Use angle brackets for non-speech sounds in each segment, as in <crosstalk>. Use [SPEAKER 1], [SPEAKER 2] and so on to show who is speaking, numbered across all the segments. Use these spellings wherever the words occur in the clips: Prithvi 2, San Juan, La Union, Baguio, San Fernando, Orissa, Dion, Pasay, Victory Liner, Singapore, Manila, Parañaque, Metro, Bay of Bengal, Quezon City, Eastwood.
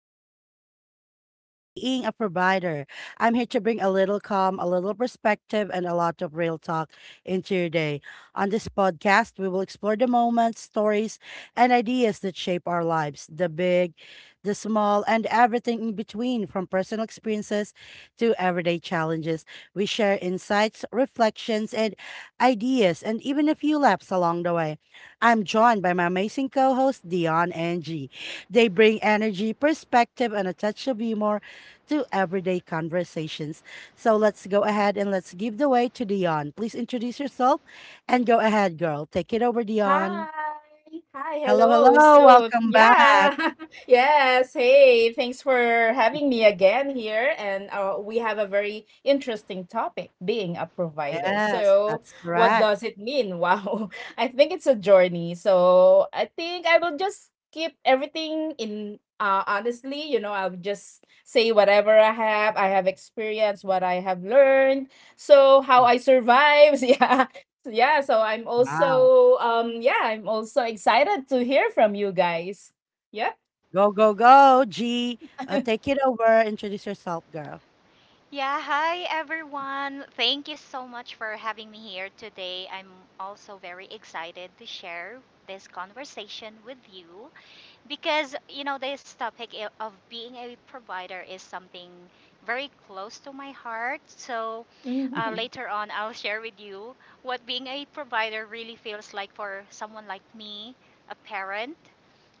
[SPEAKER 1] topic for today is about being a provider. I'm here to bring a little calm, a little perspective, and a lot of real talk into your day. On this podcast, we will explore the moments, stories, and ideas that shape our lives the big, the small, and everything in between, from personal experiences to everyday challenges. We share insights, reflections, and ideas, and even a few laughs along the way. I'm joined by my amazing co host, Dion and G. They bring energy, perspective, and a touch of humor to everyday conversations. So let's go ahead and let's give the way to Dion. Please introduce yourself and go ahead, girl. Take it over, Dion.
[SPEAKER 2] Hi. Hi.
[SPEAKER 1] Hello,
[SPEAKER 2] Hello.
[SPEAKER 1] hello.
[SPEAKER 2] So,
[SPEAKER 1] Welcome back.
[SPEAKER 2] yeah. <laughs> Yes. Hey, thanks for having me again here. And we have a very interesting topic being a provider.
[SPEAKER 1] Yes,
[SPEAKER 2] So,
[SPEAKER 1] that's
[SPEAKER 2] what
[SPEAKER 1] correct.
[SPEAKER 2] does it mean? <laughs> Wow. I think it's a journey. So, I think I will just keep everything in. Honestly, I'll just say whatever I have experienced, what I have learned. So, how I survive. <laughs> Yeah yeah, so I'm
[SPEAKER 1] Wow.
[SPEAKER 2] also I'm also excited to hear from you guys. Yep.
[SPEAKER 1] Go, go, go, G. Take it over. Introduce yourself, girl.
[SPEAKER 3] Yeah, hi everyone. Thank you so much for having me here today. I'm also very excited to share this conversation with you because, you know, this topic of being a provider is something very close to my heart. So
[SPEAKER 2] Hmm.
[SPEAKER 1] <laughs>
[SPEAKER 3] later on, I'll share with you what being a provider really feels like for someone like me, a parent,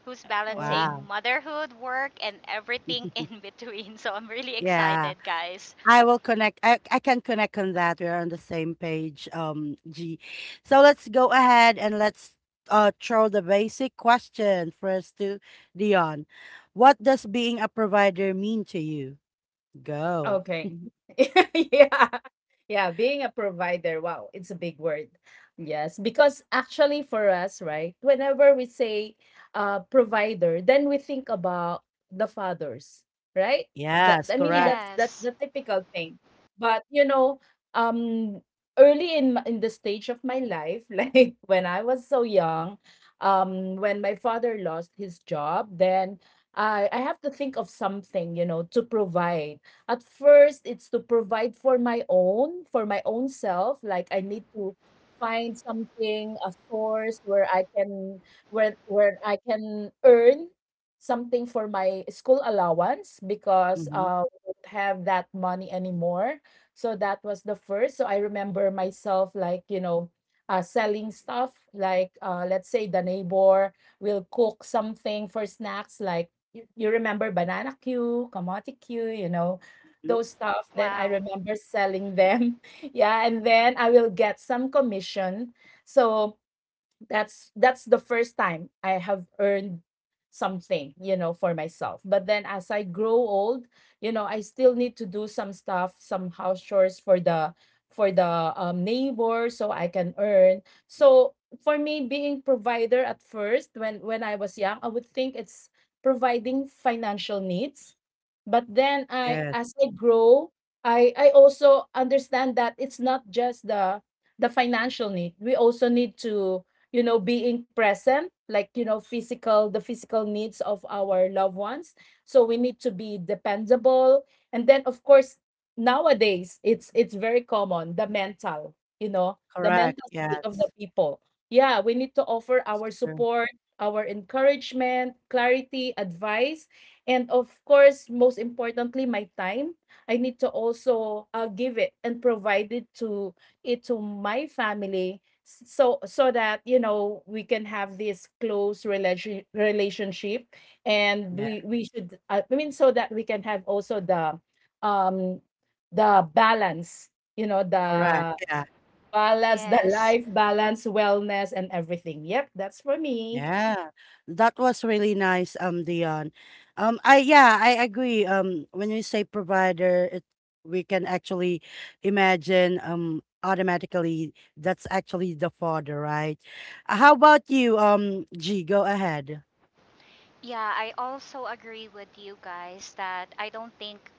[SPEAKER 3] who's
[SPEAKER 2] Oh.
[SPEAKER 3] balancing
[SPEAKER 1] Wow.
[SPEAKER 3] motherhood, work, and everything in
[SPEAKER 1] <laughs>
[SPEAKER 3] between. <laughs> So I'm really
[SPEAKER 1] Yeah.
[SPEAKER 3] excited, guys.
[SPEAKER 1] I will connect. I can connect on that. We're on the same page, G. So let's go ahead and let's throw the basic question first to Dion. What does being a provider mean to you? Go.
[SPEAKER 2] Okay. <laughs> Yeah. Yeah, being a provider, wow, it's a big word. Yes, because actually for us, right, whenever we say provider, then we think about the fathers, right? That
[SPEAKER 1] Yes,
[SPEAKER 2] I mean
[SPEAKER 1] correct.
[SPEAKER 2] that's
[SPEAKER 3] Yes.
[SPEAKER 2] the typical thing. But you know, um early in the stage of my life, <laughs> like when I was so young, when my father lost his job, then I have to think of something, you know, to provide at first, it's to provide for my own self. Like I need to find something, a source where I can where I can earn something for my school allowance because
[SPEAKER 1] Mm-hmm.
[SPEAKER 2] we don't have that money anymore. So that was the first. So I remember myself like, you know, selling stuff like let's say the neighbor will cook something for snacks like you remember banana queue, kamote queue, you know,
[SPEAKER 1] Mm-hmm.
[SPEAKER 2] those stuff, then I
[SPEAKER 3] Wow.
[SPEAKER 2] remember selling them. <laughs> Yeah, and then I will get some commission. So that's the first time I have earned something, you know, for myself. But then as I grow old, you know, I still need to do some stuff, some house chores for the neighbor so I can earn. So for me being provider at first when I was young, I would think it's providing financial needs. But then I
[SPEAKER 1] Yes,
[SPEAKER 2] as I grow, I also understand that it's not just the financial need. We also need to, you know, being present, like, you know, physical, the physical needs of our loved ones, so we need to be dependable. And then, of course, nowadays it's very common, the mental, you know, the
[SPEAKER 1] correct.
[SPEAKER 2] mental state of the
[SPEAKER 1] Yes,
[SPEAKER 2] people. Yeah, we need to offer our
[SPEAKER 1] true.
[SPEAKER 2] support, our encouragement, clarity, advice, and of course, most importantly, my time. I need to also give it and provide it to my family. So that, you know, we can have this close relationship, and
[SPEAKER 1] Yeah,
[SPEAKER 2] we should, so that we can have also um the balance, you know, the
[SPEAKER 1] correct. Yeah.
[SPEAKER 2] balance, the
[SPEAKER 3] Yes.
[SPEAKER 2] life balance, wellness, and everything. Yep, that's for me.
[SPEAKER 1] Yeah, that was really nice, Dion. I yeah, I agree. When you say provider, it, we can actually imagine automatically that's actually the father, right? How about you, G? Go ahead.
[SPEAKER 3] Yeah, I also agree with you guys that I don't think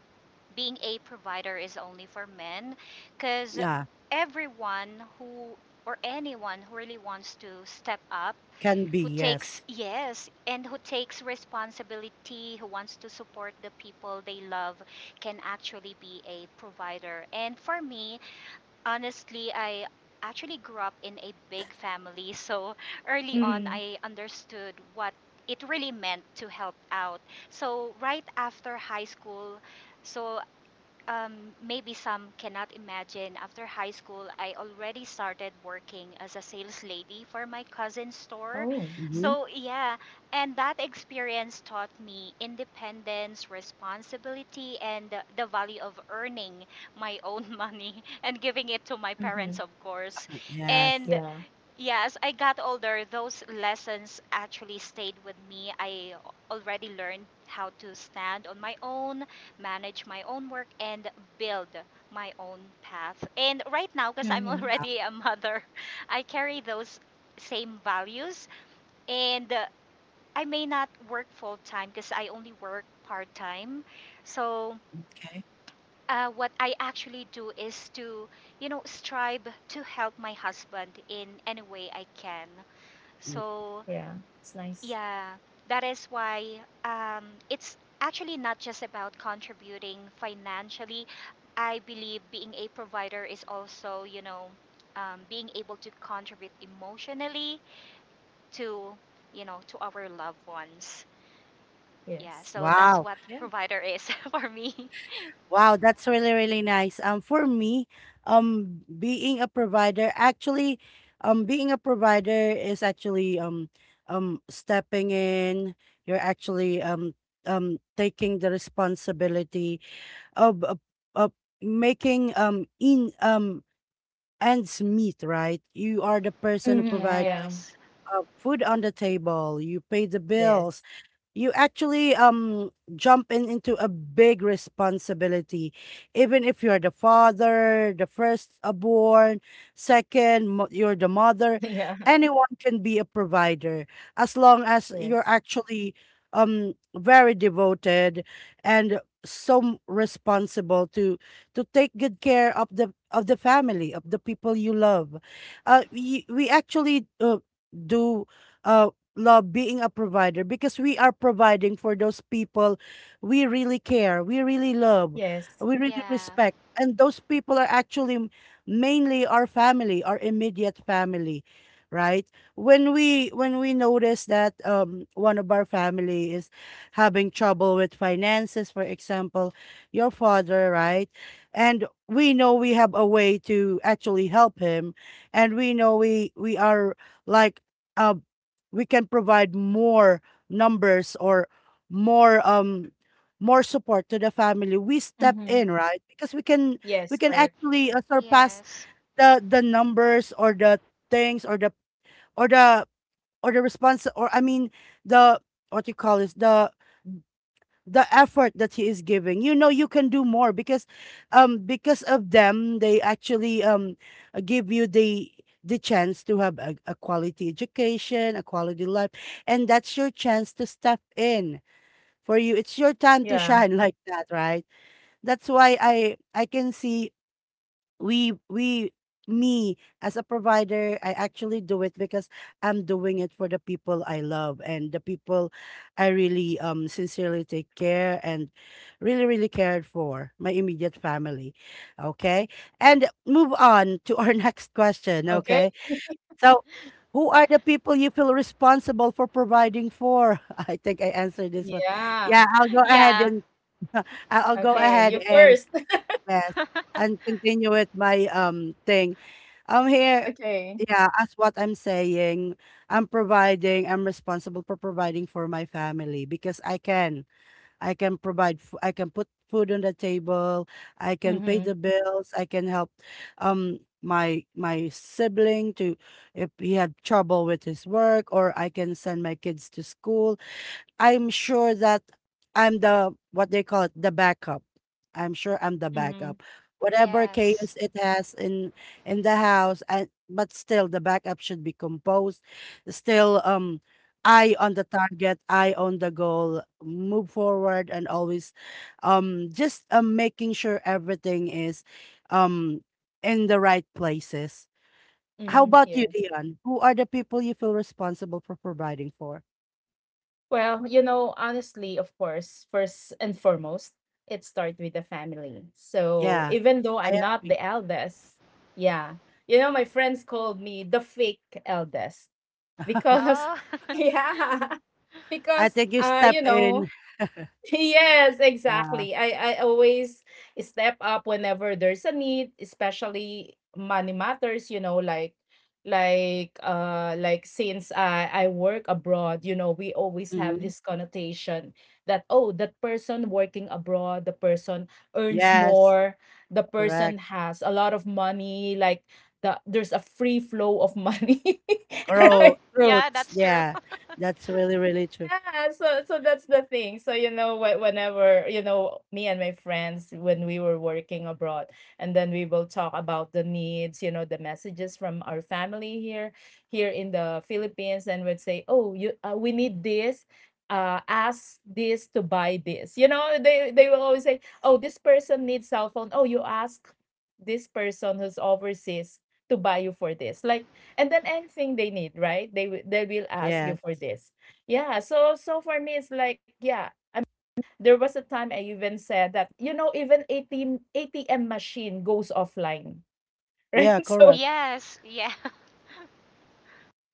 [SPEAKER 3] being a provider is only for men because
[SPEAKER 1] Yeah,
[SPEAKER 3] everyone who or anyone who really wants to step up,
[SPEAKER 1] can be,
[SPEAKER 3] who takes
[SPEAKER 1] yes.
[SPEAKER 3] yes and who takes responsibility, who wants to support the people they love can actually be a provider. And for me, honestly, I actually grew up in a big family, <laughs> so early on
[SPEAKER 2] Mm.
[SPEAKER 3] I understood what it really meant to help out. So right after high school, so um, maybe some cannot imagine, after high school, I already started working as a sales lady for my cousin's store.
[SPEAKER 2] Oh.
[SPEAKER 1] Mm-hmm.
[SPEAKER 3] So, yeah, and that experience taught me independence, responsibility, and the value of earning my own <laughs> money and giving it to my
[SPEAKER 2] Mm-hmm.
[SPEAKER 3] parents, of course.
[SPEAKER 1] Yes.
[SPEAKER 3] And
[SPEAKER 2] Yeah.
[SPEAKER 3] yeah, as I got older, those lessons actually stayed with me. I already learned how to stand on my own, manage my own work, and build my own path. And right now, because I'm <laughs>
[SPEAKER 2] Mm-hmm.
[SPEAKER 1] Ah,
[SPEAKER 3] already a mother, <laughs> I carry those same values. And I may not work full time because I only work part time. So,
[SPEAKER 1] okay.
[SPEAKER 3] what I actually do is to, you know, strive to help my husband in any way I can.
[SPEAKER 1] Mm.
[SPEAKER 3] So,
[SPEAKER 2] Yeah, it's nice.
[SPEAKER 3] yeah, that is why it's actually not just about contributing financially. I believe being a provider is also, you know, being able to contribute emotionally to, you know, to our loved ones. Yeah,
[SPEAKER 2] Yes.
[SPEAKER 3] so that's
[SPEAKER 1] Wow.
[SPEAKER 3] what
[SPEAKER 2] Yeah.
[SPEAKER 3] provider is <laughs> for me.
[SPEAKER 1] Wow, that's really, really nice. For me, um, being a provider actually, being a provider is actually stepping in. You're actually taking the responsibility of of, of making in ends meet. Right, you are the person who
[SPEAKER 2] Mm-hmm.
[SPEAKER 1] provides
[SPEAKER 2] Yeah.
[SPEAKER 1] like
[SPEAKER 3] Yes.
[SPEAKER 1] food on the table. You pay the
[SPEAKER 2] Yes.
[SPEAKER 1] bills, you actually jump in into a big responsibility even if you're the father, the first born, second you're the mother.
[SPEAKER 2] <laughs> Yeah.
[SPEAKER 1] Anyone can be a provider as long as
[SPEAKER 2] Yes.
[SPEAKER 1] you're actually very devoted and so responsible to take good care of the family, of the people you love. We actually do uh love being a provider because we are providing for those people we really care, we really love,
[SPEAKER 2] Yes.
[SPEAKER 1] we really
[SPEAKER 3] Yeah.
[SPEAKER 1] respect. And those people are actually mainly our family, our immediate family, right? When we notice that one of our family is having trouble with finances, for example, your father, right? And we know we have a way to actually help him, and we know we are like uh, we can provide more numbers or more um more support to the family, we step
[SPEAKER 2] Mm-hmm.
[SPEAKER 1] in, right? Because we
[SPEAKER 2] Yes,
[SPEAKER 1] can
[SPEAKER 2] correct.
[SPEAKER 1] actually surpass
[SPEAKER 3] Yes. <laughs>
[SPEAKER 1] the numbers or the things or or the the response or I mean the what you call is the effort that he is giving. You know, you can do more because of them, they actually give you the chance to have a quality education, a quality life. And that's your chance to step in. For you, it's your time to
[SPEAKER 2] Yeah.
[SPEAKER 1] shine, <laughs> like that, right? That's why I can see we me as a provider, I actually do it because I'm doing it for the people I love and the people I really sincerely take care and really, really cared for, my immediate family. Okay, and move on to our <laughs> next question.
[SPEAKER 2] Okay.
[SPEAKER 1] Okay,
[SPEAKER 2] <laughs>
[SPEAKER 1] so who are the people you feel responsible for providing for? <laughs> I think I answered this one.
[SPEAKER 2] Yeah.
[SPEAKER 1] Yeah, I'll go ahead
[SPEAKER 3] Yeah.
[SPEAKER 1] and <laughs> I- will go
[SPEAKER 2] Okay.
[SPEAKER 1] ahead
[SPEAKER 2] You
[SPEAKER 1] and
[SPEAKER 2] first. <laughs>
[SPEAKER 1] yes, and
[SPEAKER 3] <laughs>
[SPEAKER 1] continue with my, thing. I'm here.
[SPEAKER 2] Okay.
[SPEAKER 1] Yeah, as what I'm saying, I'm responsible for providing for my family because I can. I can provide fo I can put food on the table, I can pay
[SPEAKER 2] Mm-hmm.
[SPEAKER 1] the bills, I can help, my my sibling to if he had trouble with his work, or I can send my kids to school. I'm sure that I'm the what they call it, the backup. I'm sure I'm the
[SPEAKER 2] Mm-hmm.
[SPEAKER 1] backup. Whatever
[SPEAKER 3] Yes.
[SPEAKER 1] chaos it has in the house, and but still the backup should be composed. Still, eye on the target, eye on the goal, move forward, and always, just making sure everything is, um, in the right places. How
[SPEAKER 2] Mm-hmm.
[SPEAKER 1] about you,
[SPEAKER 2] Yes.
[SPEAKER 1] Dion? Who are the people you feel responsible for providing for?
[SPEAKER 2] Well, you know, honestly, of course, first and foremost, it starts with the family. So
[SPEAKER 1] Yeah,
[SPEAKER 2] even though
[SPEAKER 1] I
[SPEAKER 2] I'm not
[SPEAKER 1] am.
[SPEAKER 2] the eldest, yeah, you know, my friends called me the fake eldest
[SPEAKER 1] <laughs>
[SPEAKER 2] because,
[SPEAKER 3] Oh.
[SPEAKER 2] <laughs>
[SPEAKER 3] <laughs>
[SPEAKER 2] yeah,
[SPEAKER 1] I
[SPEAKER 2] because,
[SPEAKER 1] think you step
[SPEAKER 2] you
[SPEAKER 1] in.
[SPEAKER 2] know, <laughs> yes,
[SPEAKER 1] Yeah.
[SPEAKER 2] exactly. I always step up whenever there's a need, especially money matters, you know, like since I work abroad, you know, we always have
[SPEAKER 1] Hmm.
[SPEAKER 2] this connotation that, oh, that person working abroad, the person earns
[SPEAKER 1] Yes.
[SPEAKER 2] more, the person
[SPEAKER 1] Correct.
[SPEAKER 2] has a lot of money, like there's a free flow of money, <laughs>
[SPEAKER 1] Grow
[SPEAKER 2] right?
[SPEAKER 3] Yeah,
[SPEAKER 1] roots.
[SPEAKER 3] that's true.
[SPEAKER 1] Yeah. That's really, really true.
[SPEAKER 2] Yeah, so that's the thing. So you know, whenever, you know, me and my friends when we were working abroad, and then we will talk about the needs, you know, the messages from our family here in the Philippines, and would say, "Oh, you, we need this. Ask this to buy this." You know, they will always say, "Oh, this person needs cell phone. Oh, you ask this person who's overseas to buy you for this." Like, and then anything they need, right? They will ask you
[SPEAKER 1] Yeah.
[SPEAKER 2] for this. Yeah, so for me it's like, yeah, I, there was a time I even said that, you know, even ATM machine goes offline, <laughs> right?
[SPEAKER 1] Yeah,
[SPEAKER 2] So
[SPEAKER 1] correct.
[SPEAKER 3] <laughs> Yes, yeah. <laughs>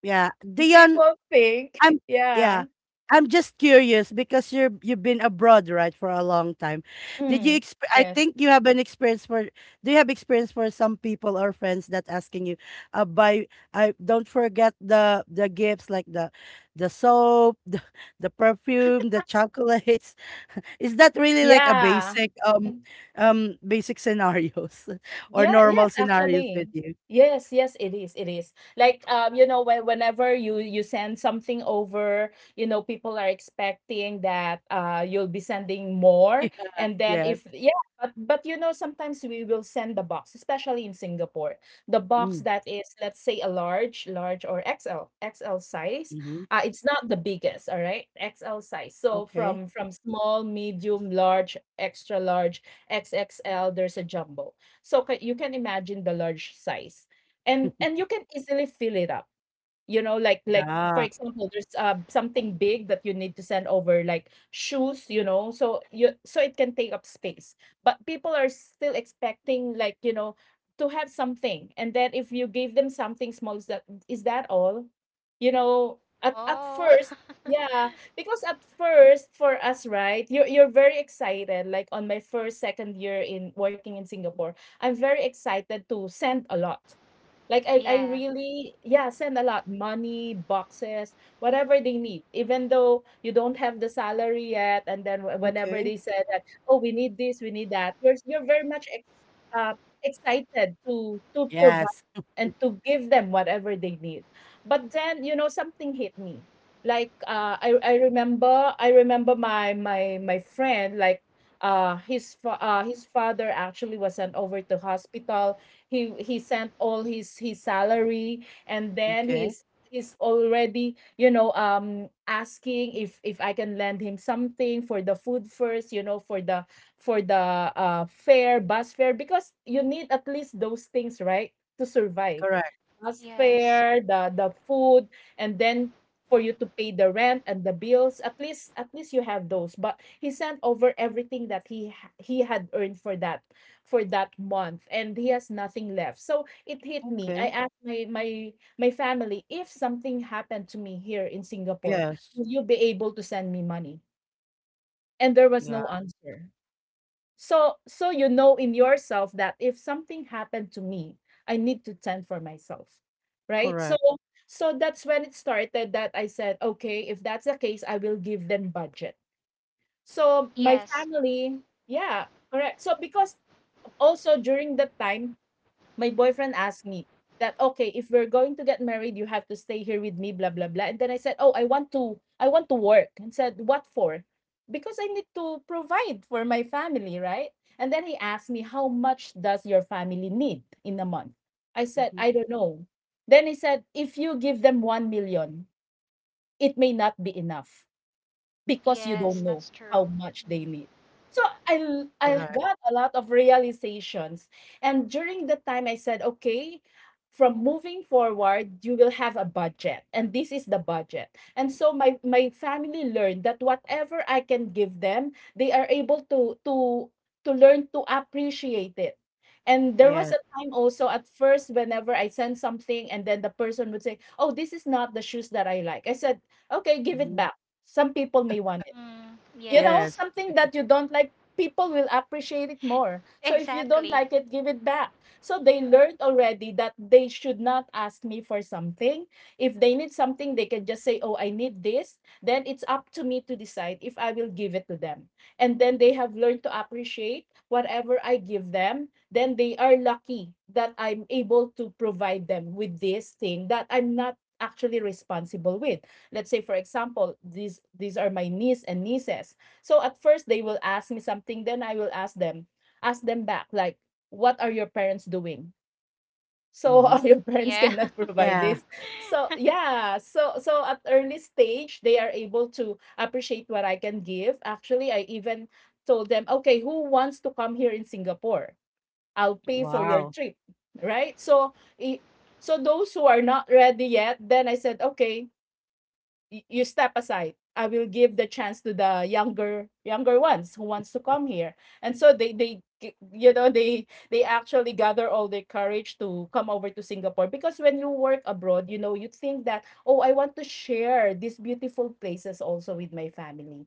[SPEAKER 1] Yeah. Dion,
[SPEAKER 2] people think,
[SPEAKER 1] I'm
[SPEAKER 2] <laughs>
[SPEAKER 1] yeah.
[SPEAKER 2] yeah.
[SPEAKER 1] I'm just curious because you've been abroad, right, for a long time. Did
[SPEAKER 2] Mm,
[SPEAKER 1] you exp I
[SPEAKER 2] yes.
[SPEAKER 1] think you have an experience for do you have experience for some people or friends that asking you, buy I don't forget the gifts like the soap, <laughs> the perfume, the chocolates. Is that really like a
[SPEAKER 2] Yeah.
[SPEAKER 1] basic basic scenarios <laughs> or
[SPEAKER 2] Yeah,
[SPEAKER 1] normal
[SPEAKER 2] yes,
[SPEAKER 1] scenarios
[SPEAKER 2] actually.
[SPEAKER 1] with you?
[SPEAKER 2] Yes, yes, it is. It is. Like, you know, when, whenever you send something over, you know, people are expecting that you'll be sending more. And then
[SPEAKER 1] Yes.
[SPEAKER 2] if, yeah, but you know, sometimes we will send the box, especially in Singapore. The box
[SPEAKER 1] Mm,
[SPEAKER 2] that is, let's say, a large or XL size.
[SPEAKER 1] mm-hmm.
[SPEAKER 2] It's not the biggest, all right? XL size. So
[SPEAKER 1] Okay.
[SPEAKER 2] from small, medium, large, extra large, XXL, there's a jumbo. So you can imagine the large size. And you can easily fill it up. You know, like for
[SPEAKER 1] Yeah.
[SPEAKER 2] example, there's something big that you need to send over, like shoes, you know, so you, so it can take up space. But people are still expecting, like you know, to have something, and then if you give them something small, is that all? You know, at
[SPEAKER 3] Oh. <laughs>
[SPEAKER 2] first, yeah, because at first for us, right, you're very excited. Like on my first second year in working in Singapore, I'm very excited to send a lot. Like I
[SPEAKER 3] Yeah.
[SPEAKER 2] really, yeah, send a lot, money, boxes, whatever they need. Even though you don't have the salary yet, and then whenever they
[SPEAKER 1] Okay.
[SPEAKER 2] said that, oh, we need this, we need that, you're very much ex uh, excited to provide
[SPEAKER 1] Yes.
[SPEAKER 2] and to give them whatever they need. But then, you know, something hit me. Like I remember my friend, like, his father actually was sent over to hospital. He he sent all his salary, and then
[SPEAKER 1] Okay.
[SPEAKER 2] he's already, you know, asking if, I can lend him something for the food first, you know, for the fare, bus fare, because you need at least those things, right, to survive.
[SPEAKER 1] Correct.
[SPEAKER 2] Bus
[SPEAKER 3] Yes.
[SPEAKER 2] fare, the food, and then for you to pay the rent and the bills. At least, at least you have those, but he sent over everything that he had earned for that month, and he has nothing left. So it hit me. I
[SPEAKER 1] Okay.
[SPEAKER 2] asked my family, if something happened to me here in Singapore,
[SPEAKER 1] Yes.
[SPEAKER 2] will you be able to send me money? And there was
[SPEAKER 1] Yeah.
[SPEAKER 2] no answer. So, so you know in yourself that if something happened to me, I need to tend for myself, right? So
[SPEAKER 1] Correct.
[SPEAKER 2] that's when it started that I said, okay, if that's the case, I will give them budget. So my
[SPEAKER 3] Yes.
[SPEAKER 2] family, yeah, correct. So because also during that time my boyfriend asked me that, okay, if we're going to get married, you have to stay here with me, blah blah blah, and then I said, oh, I want to work. And said, what for? Because I need to provide for my family, right? And then he asked me, how much does your family need in a month? I said,
[SPEAKER 1] Mm-hmm.
[SPEAKER 2] I don't know. Then he said, if you give them 1 million, it may not be enough, because you
[SPEAKER 3] Yes,
[SPEAKER 2] don't know
[SPEAKER 3] that's true.
[SPEAKER 2] how much they need. So I
[SPEAKER 1] Correct.
[SPEAKER 2] got a lot of realizations. And during the time I said, okay, from moving forward, you will have a budget. And this is the budget. And so my family learned that whatever I can give them, they are able to to learn to appreciate it. And there was
[SPEAKER 1] Yes.
[SPEAKER 2] a time also, at first, whenever I sent something, and then the person would say, "Oh, this is not the shoes that I like." I said, "Okay, give it
[SPEAKER 1] Mm-hmm.
[SPEAKER 2] back. Some people may want it."
[SPEAKER 3] Mm,
[SPEAKER 2] You know,
[SPEAKER 1] Yes.
[SPEAKER 3] yes.
[SPEAKER 2] something that you don't like, people will appreciate it more. So if you don't
[SPEAKER 3] Exactly.
[SPEAKER 2] like it, give it back. So they learned already that they should not ask me for something. If they need something, they can just say, "Oh, I need this." Then it's up to me to decide if I will give it to them. And then they have learned to appreciate whatever I give them. Then they are lucky that I'm able to provide them with this thing that I'm not actually responsible with. Let's say for example, these are my niece and nieces. So at first they will ask me something, then I will ask them back, like, what are your parents doing? So <laughs>
[SPEAKER 1] Mm-hmm.
[SPEAKER 2] are
[SPEAKER 3] Mm,
[SPEAKER 2] your parents
[SPEAKER 3] yeah.
[SPEAKER 2] cannot provide
[SPEAKER 1] Yeah.
[SPEAKER 2] this. So
[SPEAKER 3] <laughs>
[SPEAKER 2] yeah, so so at early stage they are able to appreciate what I can give. Actually, I even told them, okay, who wants to come here in Singapore? I'll pay for your
[SPEAKER 1] Wow.
[SPEAKER 2] trip, right? So i- those who are not ready yet, then I said, okay, you step aside. I will give the chance to the younger ones who wants to come here. And so they actually gather all their courage to come over to Singapore because when you work abroad, you know, you think that, oh, I want to share these beautiful places also with my family.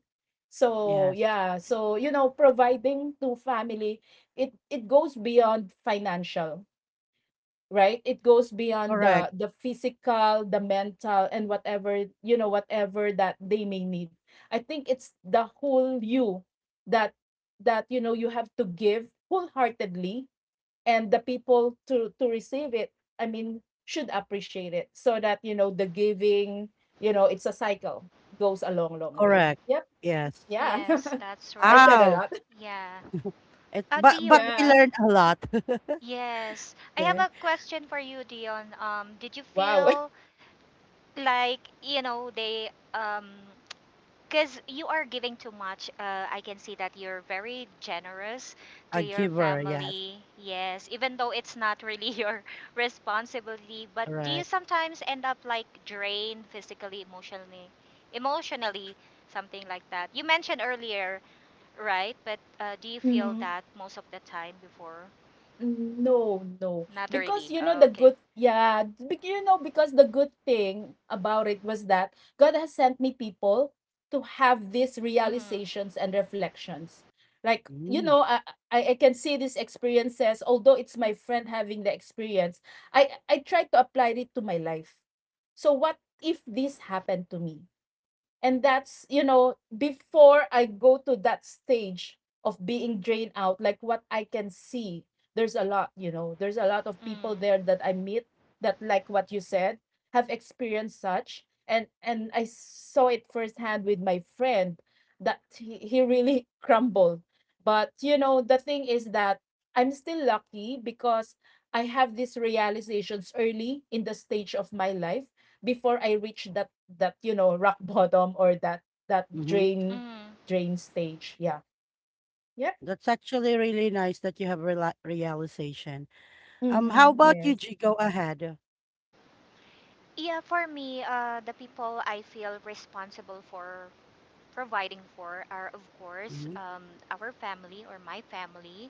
[SPEAKER 2] So,
[SPEAKER 1] Yes.
[SPEAKER 2] yeah, so you know, providing to family, it goes beyond financial, right? It goes beyond the
[SPEAKER 1] Correct.
[SPEAKER 2] the physical, the mental, and whatever, you know, whatever that they may need. I think it's the whole you, that that you know, you have to give wholeheartedly, and the people to receive it. I mean, should appreciate it, so that, you know, the giving, you know, it's a cycle, goes a long, long way.
[SPEAKER 1] Correct.
[SPEAKER 2] Yep.
[SPEAKER 1] Yes.
[SPEAKER 2] Yeah.
[SPEAKER 3] Yes, that's
[SPEAKER 2] <laughs> I
[SPEAKER 3] right.
[SPEAKER 2] said a
[SPEAKER 1] Wow.
[SPEAKER 2] lot.
[SPEAKER 3] Yeah.
[SPEAKER 1] It, but
[SPEAKER 3] Dion,
[SPEAKER 1] we
[SPEAKER 2] <laughs> Yeah.
[SPEAKER 1] learned a lot. <laughs>
[SPEAKER 3] yes. I have
[SPEAKER 1] Okay.
[SPEAKER 3] a question for you, Dion. Did you
[SPEAKER 2] Wow.
[SPEAKER 3] feel like, you know, they because you are giving too much. I can see that you're very generous to
[SPEAKER 1] A
[SPEAKER 3] your
[SPEAKER 1] giver. Yes.
[SPEAKER 3] family. Yes, even though it's not really <laughs> your responsibility. But do you
[SPEAKER 1] Correct.
[SPEAKER 3] sometimes end up like drained physically, emotionally, emotionally, something like that? You mentioned earlier, right? But do you feel that
[SPEAKER 2] <laughs>
[SPEAKER 3] most of the time before?
[SPEAKER 2] Mm, no, no.
[SPEAKER 3] Not
[SPEAKER 2] Because,
[SPEAKER 3] really.
[SPEAKER 2] you know,
[SPEAKER 3] Oh,
[SPEAKER 2] the
[SPEAKER 3] okay.
[SPEAKER 2] good, yeah, you know, because the good thing about it was that God has sent me people to have these
[SPEAKER 3] Mm-hmm.
[SPEAKER 2] realizations and reflections. Like, you
[SPEAKER 1] Mm,
[SPEAKER 2] know, I can see these experiences, although it's my friend having the experience, I try to apply it to my life. So what if this happened to me? And that's, you know, before I go to that stage of being drained out, like what I can see, there's a lot, you know, there's a lot of people
[SPEAKER 3] Mm.
[SPEAKER 2] there that I meet that, like what you said, have experienced such. And I saw it firsthand with my friend, that he really <laughs> crumbled. But, you know, the thing is that I'm still lucky because I have these realizations early in the stage of my life, before I reach that, you know, rock <laughs> bottom, or that,
[SPEAKER 1] mhm.
[SPEAKER 2] drain
[SPEAKER 3] Mm.
[SPEAKER 2] stage. Yeah. Yep.
[SPEAKER 1] That's actually really nice that you have rela realization. How
[SPEAKER 2] Mm-hmm.
[SPEAKER 1] about you,
[SPEAKER 2] Yes.
[SPEAKER 1] G? Go ahead.
[SPEAKER 3] Yeah, for me, the people I feel responsible for providing for are, of course,
[SPEAKER 1] Hmm.
[SPEAKER 3] our family or my family.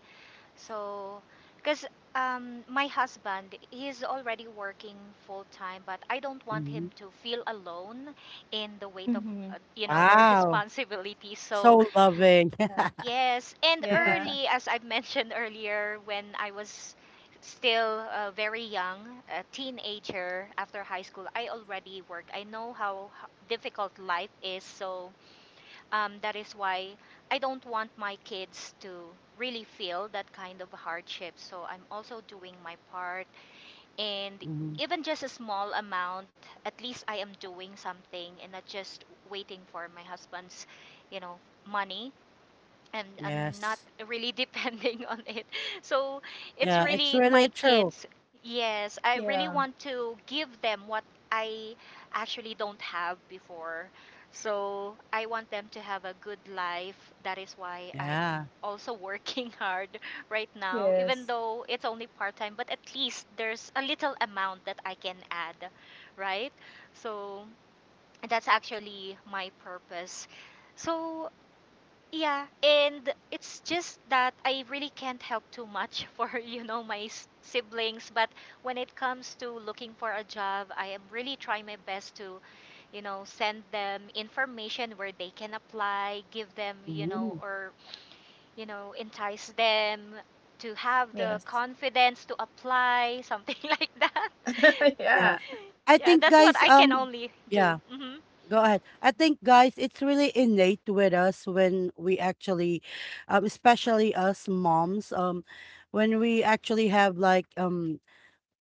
[SPEAKER 3] So, because my husband, he's already working full time, but I don't want him
[SPEAKER 1] Hmm.
[SPEAKER 3] to feel alone in the weight of,
[SPEAKER 2] Mm-hmm.
[SPEAKER 3] you know, the <laughs>
[SPEAKER 1] Wow,
[SPEAKER 3] responsibility. So,
[SPEAKER 1] so loving.
[SPEAKER 2] Yeah.
[SPEAKER 1] <laughs>
[SPEAKER 3] yes. And
[SPEAKER 2] Yeah.
[SPEAKER 3] early, as I <laughs> mentioned earlier, when I was still very young, a teenager after high school, I already worked. I know how difficult life is. So, that is why I don't want my kids to really feel that kind of hardship. So I'm also doing my part. And
[SPEAKER 1] Hmm.
[SPEAKER 3] even just a small amount, at least I am doing something and not just waiting for my husband's, you know, money and I'm not
[SPEAKER 1] Yes.
[SPEAKER 3] really <laughs> depending on it. So it's
[SPEAKER 1] Yeah, it's
[SPEAKER 3] really
[SPEAKER 1] really
[SPEAKER 3] my
[SPEAKER 1] true.
[SPEAKER 3] kids. Yes, I really
[SPEAKER 2] Yeah.
[SPEAKER 3] want to give them what I actually don't have before. So I want them to have a good life. That is why I'm
[SPEAKER 1] Yeah.
[SPEAKER 3] also working <laughs> hard right now, even
[SPEAKER 2] Yes.
[SPEAKER 3] though it's only part time, but at least there's a little amount that I can add, right? So that's actually my purpose. So yeah, and it's just that I really can't help too much <laughs> for, you know, my siblings. But when it comes to looking for a job, I am really trying my best to, you know, send them information where they can apply, give them, you know,
[SPEAKER 1] Hmm.
[SPEAKER 3] or, you know, entice them to have the
[SPEAKER 2] Yes.
[SPEAKER 3] confidence to apply, something <laughs> like that. <laughs>
[SPEAKER 2] <laughs> yeah.
[SPEAKER 1] Yeah. I
[SPEAKER 3] Yeah,
[SPEAKER 1] think
[SPEAKER 3] that's what
[SPEAKER 1] guys,
[SPEAKER 3] I can only do.
[SPEAKER 1] yeah,
[SPEAKER 3] Hmm.
[SPEAKER 1] go ahead. I think guys, it's really innate with us when we actually, especially us moms, when we actually have like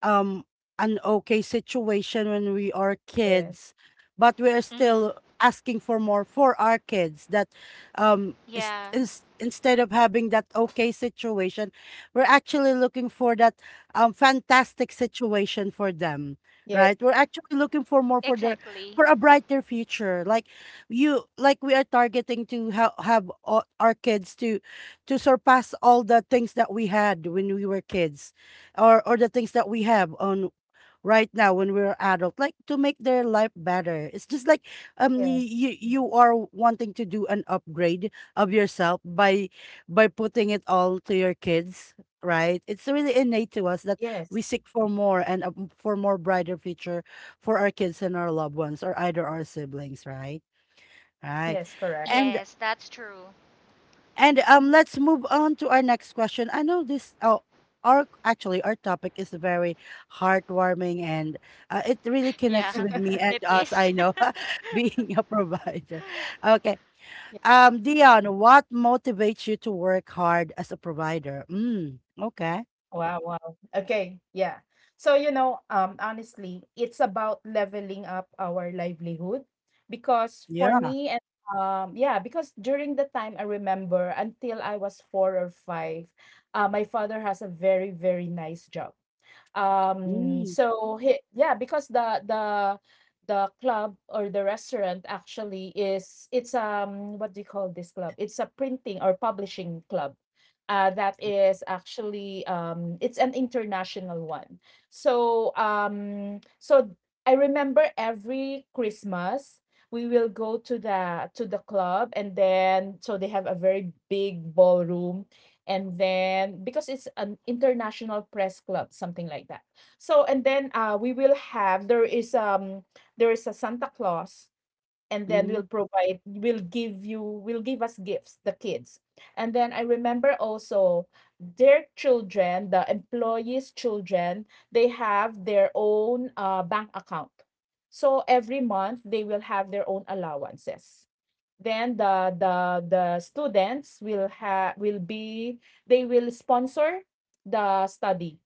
[SPEAKER 1] um an okay situation when we are
[SPEAKER 2] Yes.
[SPEAKER 1] kids, but we are
[SPEAKER 3] Hmm.
[SPEAKER 1] still asking for more for our kids that
[SPEAKER 3] Yeah,
[SPEAKER 1] is, instead of having that okay situation, we're actually looking for that fantastic situation for them,
[SPEAKER 2] Yes.
[SPEAKER 1] right? We're actually looking for more for their,
[SPEAKER 3] exactly.
[SPEAKER 1] for a brighter future. Like you, like we are targeting to have our kids to surpass all the things that we had when we were kids, or the things that we have on right now when we're adult, like to make their life better. It's just like
[SPEAKER 2] Yes.
[SPEAKER 1] you, you are wanting to do an upgrade of yourself by putting it all to your kids, right? It's really innate to us that
[SPEAKER 2] Yes.
[SPEAKER 1] we seek for more and a, for more brighter future for our kids and our loved ones, or either our siblings, right? Right.
[SPEAKER 2] Yes. Correct.
[SPEAKER 1] and
[SPEAKER 3] Yes, that's true.
[SPEAKER 1] and let's move on to our next question. I know this. Oh, our actually our topic is very heartwarming, and it really connects
[SPEAKER 3] Yeah,
[SPEAKER 1] with me
[SPEAKER 3] <laughs>
[SPEAKER 1] and
[SPEAKER 3] it
[SPEAKER 1] us.
[SPEAKER 3] is.
[SPEAKER 1] I
[SPEAKER 3] <laughs>
[SPEAKER 1] know, <laughs> being a provider. Okay, Dion, what motivates you to work hard as a provider? Mm, okay.
[SPEAKER 2] Wow, wow. Okay, yeah. So, honestly, it's about leveling up our livelihood, because for
[SPEAKER 1] Yeah.
[SPEAKER 2] me and, yeah, because during the time, I remember, until I was four or five, my father has a very, very nice job.
[SPEAKER 1] Mm,
[SPEAKER 2] So he, yeah, because the club, or the restaurant, actually is, it's, what do you call this? Club. It's a printing or publishing club. That is actually, it's an international one. So, so I remember every Christmas we will go to the club, and then, so they have a very big ballroom, and then because it's an international press club, something like that. So and then, we will have, there is, there is a Santa Claus, and then
[SPEAKER 1] mm-hmm.
[SPEAKER 2] we'll provide, we'll give, you will give us gifts, the kids. And then I remember also, their children, the employees' children, they have their own, bank account. So every month they will have their own allowances. Then the students will have, will be, they will sponsor the study,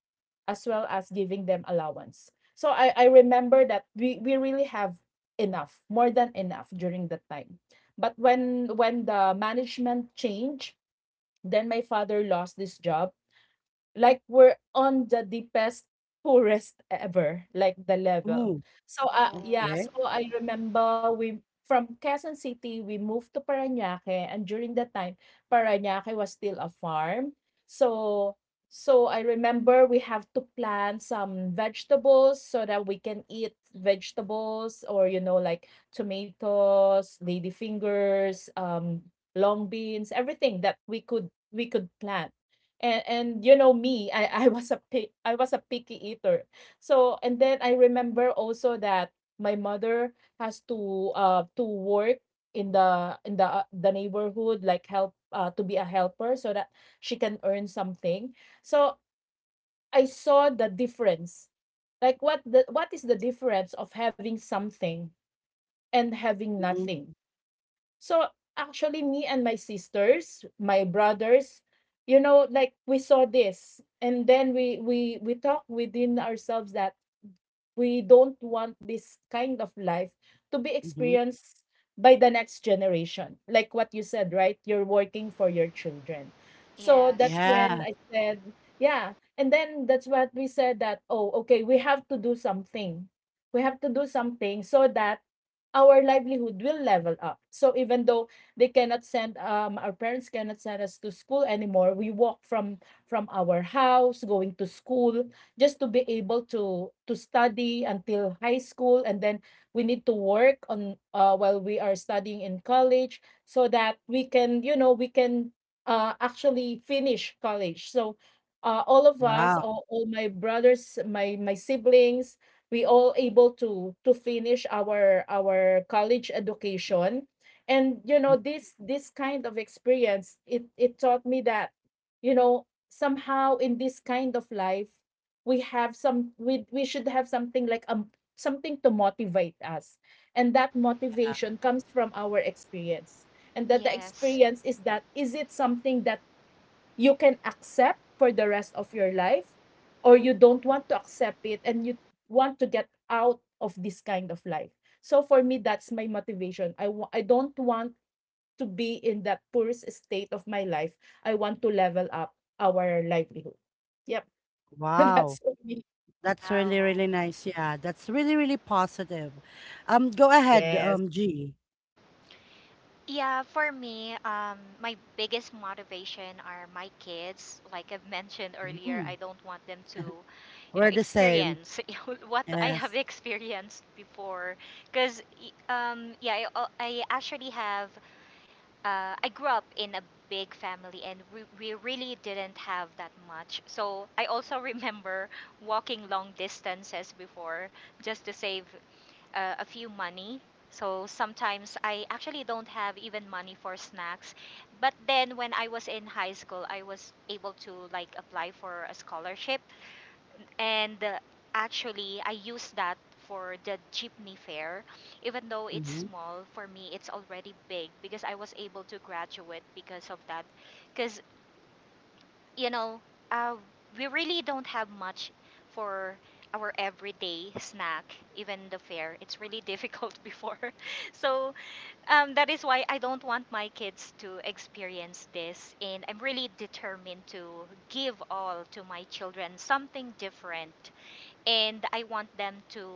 [SPEAKER 2] as well as giving them allowance. So I remember that we really have enough, more than enough, during that time. But when the management changed, then my father lost this job. Like, we're on the deepest, poorest ever, like, the level.
[SPEAKER 1] Ooh,
[SPEAKER 2] So,
[SPEAKER 3] Oh,
[SPEAKER 2] yeah,
[SPEAKER 1] okay.
[SPEAKER 2] so I remember we, from Quezon City, we moved to Parañaque, and during that time, Parañaque was still a farm. So, so I remember we have to plant some vegetables, so that we can eat vegetables, or, you know, like tomatoes, ladyfingers, long beans, everything that we could plant. And, you know, me, I was a picky eater. So, and then I remember also that my mother has to, work in the, the neighborhood, like, help, to be a helper, so that she can earn something. So I saw the difference. Like, what the, what is the difference of having something and having
[SPEAKER 1] Mm-hmm.
[SPEAKER 2] nothing? So actually, me and my sisters, my brothers, you know, like, we saw this, and then we talked within ourselves that we don't want this kind of life to be
[SPEAKER 1] Mm-hmm.
[SPEAKER 2] experienced by the next generation. Like what you said, right? You're working for your children. So that's
[SPEAKER 3] yes,
[SPEAKER 2] when
[SPEAKER 1] Yeah.
[SPEAKER 2] I said, yeah. And then that's what we said, that, oh, okay, we have to do something. We have to do something, so that our livelihood will level up. So even though they cannot send, our parents cannot send us to school anymore, we walk from our house going to school, just to be able to, study until high school. And then we need to work on, while we are studying in college, so that we can, you know, we can, actually finish college. So, all of us,
[SPEAKER 1] Wow.
[SPEAKER 2] all my brothers, my siblings, we all able to finish our college education. And, you know, this kind of experience, it taught me that, you know, somehow, in this kind of life, we should have something, like, something to motivate us. And that
[SPEAKER 1] Yeah.
[SPEAKER 2] motivation comes from our experience. And that the
[SPEAKER 3] yes.
[SPEAKER 2] experience is that, is it something that you can accept for the rest of your life, or you don't want to accept it, and you want to get out of this kind of life? So for me, that's my motivation. I don't want to be in that poorest state of my life. I want to level up our livelihood. Yep. <laughs>
[SPEAKER 1] Wow.
[SPEAKER 2] That's for me.
[SPEAKER 1] That's really,
[SPEAKER 3] Wow.
[SPEAKER 1] really nice. Yeah, that's really, really positive. Go ahead,
[SPEAKER 2] Yes.
[SPEAKER 1] G.
[SPEAKER 3] Yeah, for me, my biggest motivation are my kids. Like I've mentioned earlier, I
[SPEAKER 1] Mhm.
[SPEAKER 3] don't want them to, you know,
[SPEAKER 1] We're the same.
[SPEAKER 3] experience <laughs> you know, what I have
[SPEAKER 1] Yes.
[SPEAKER 3] <laughs> experienced before. Because, yeah, I actually have I grew up in a big family and we really didn't have that much. So I also <laughs> remember walking long distances before just to save a few money. So sometimes I actually don't have even money for snacks. But then when I was in high school, I was able to like apply for a scholarship and actually, I use that for the jeepney fare. Even though it's
[SPEAKER 1] Mm-hmm.
[SPEAKER 3] small, for me, it's already big because I was able to graduate because of that. Because, you know, uh, we really don't have much for our everyday snack, even the fare. It's really difficult <laughs> before. So that is why I don't want my kids to experience this. And I'm really determined to give all to my children something different and I want them to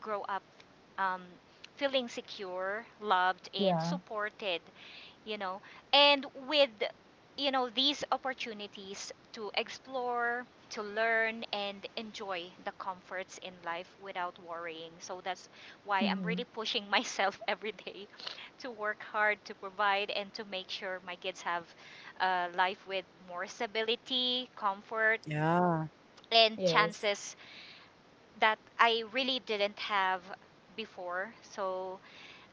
[SPEAKER 3] grow up um, feeling secure, loved, and
[SPEAKER 2] Yeah.
[SPEAKER 3] supported, you know. And with, you know, these opportunities to explore, to learn, and enjoy the comforts in life without worrying. So that's why I'm
[SPEAKER 2] Mhm.
[SPEAKER 3] really pushing myself <laughs> every day to work hard, to provide, and to make sure my kids have a life with more stability, comfort,
[SPEAKER 1] Yeah.
[SPEAKER 3] and
[SPEAKER 2] Yes.
[SPEAKER 3] chances that I really didn't have before. So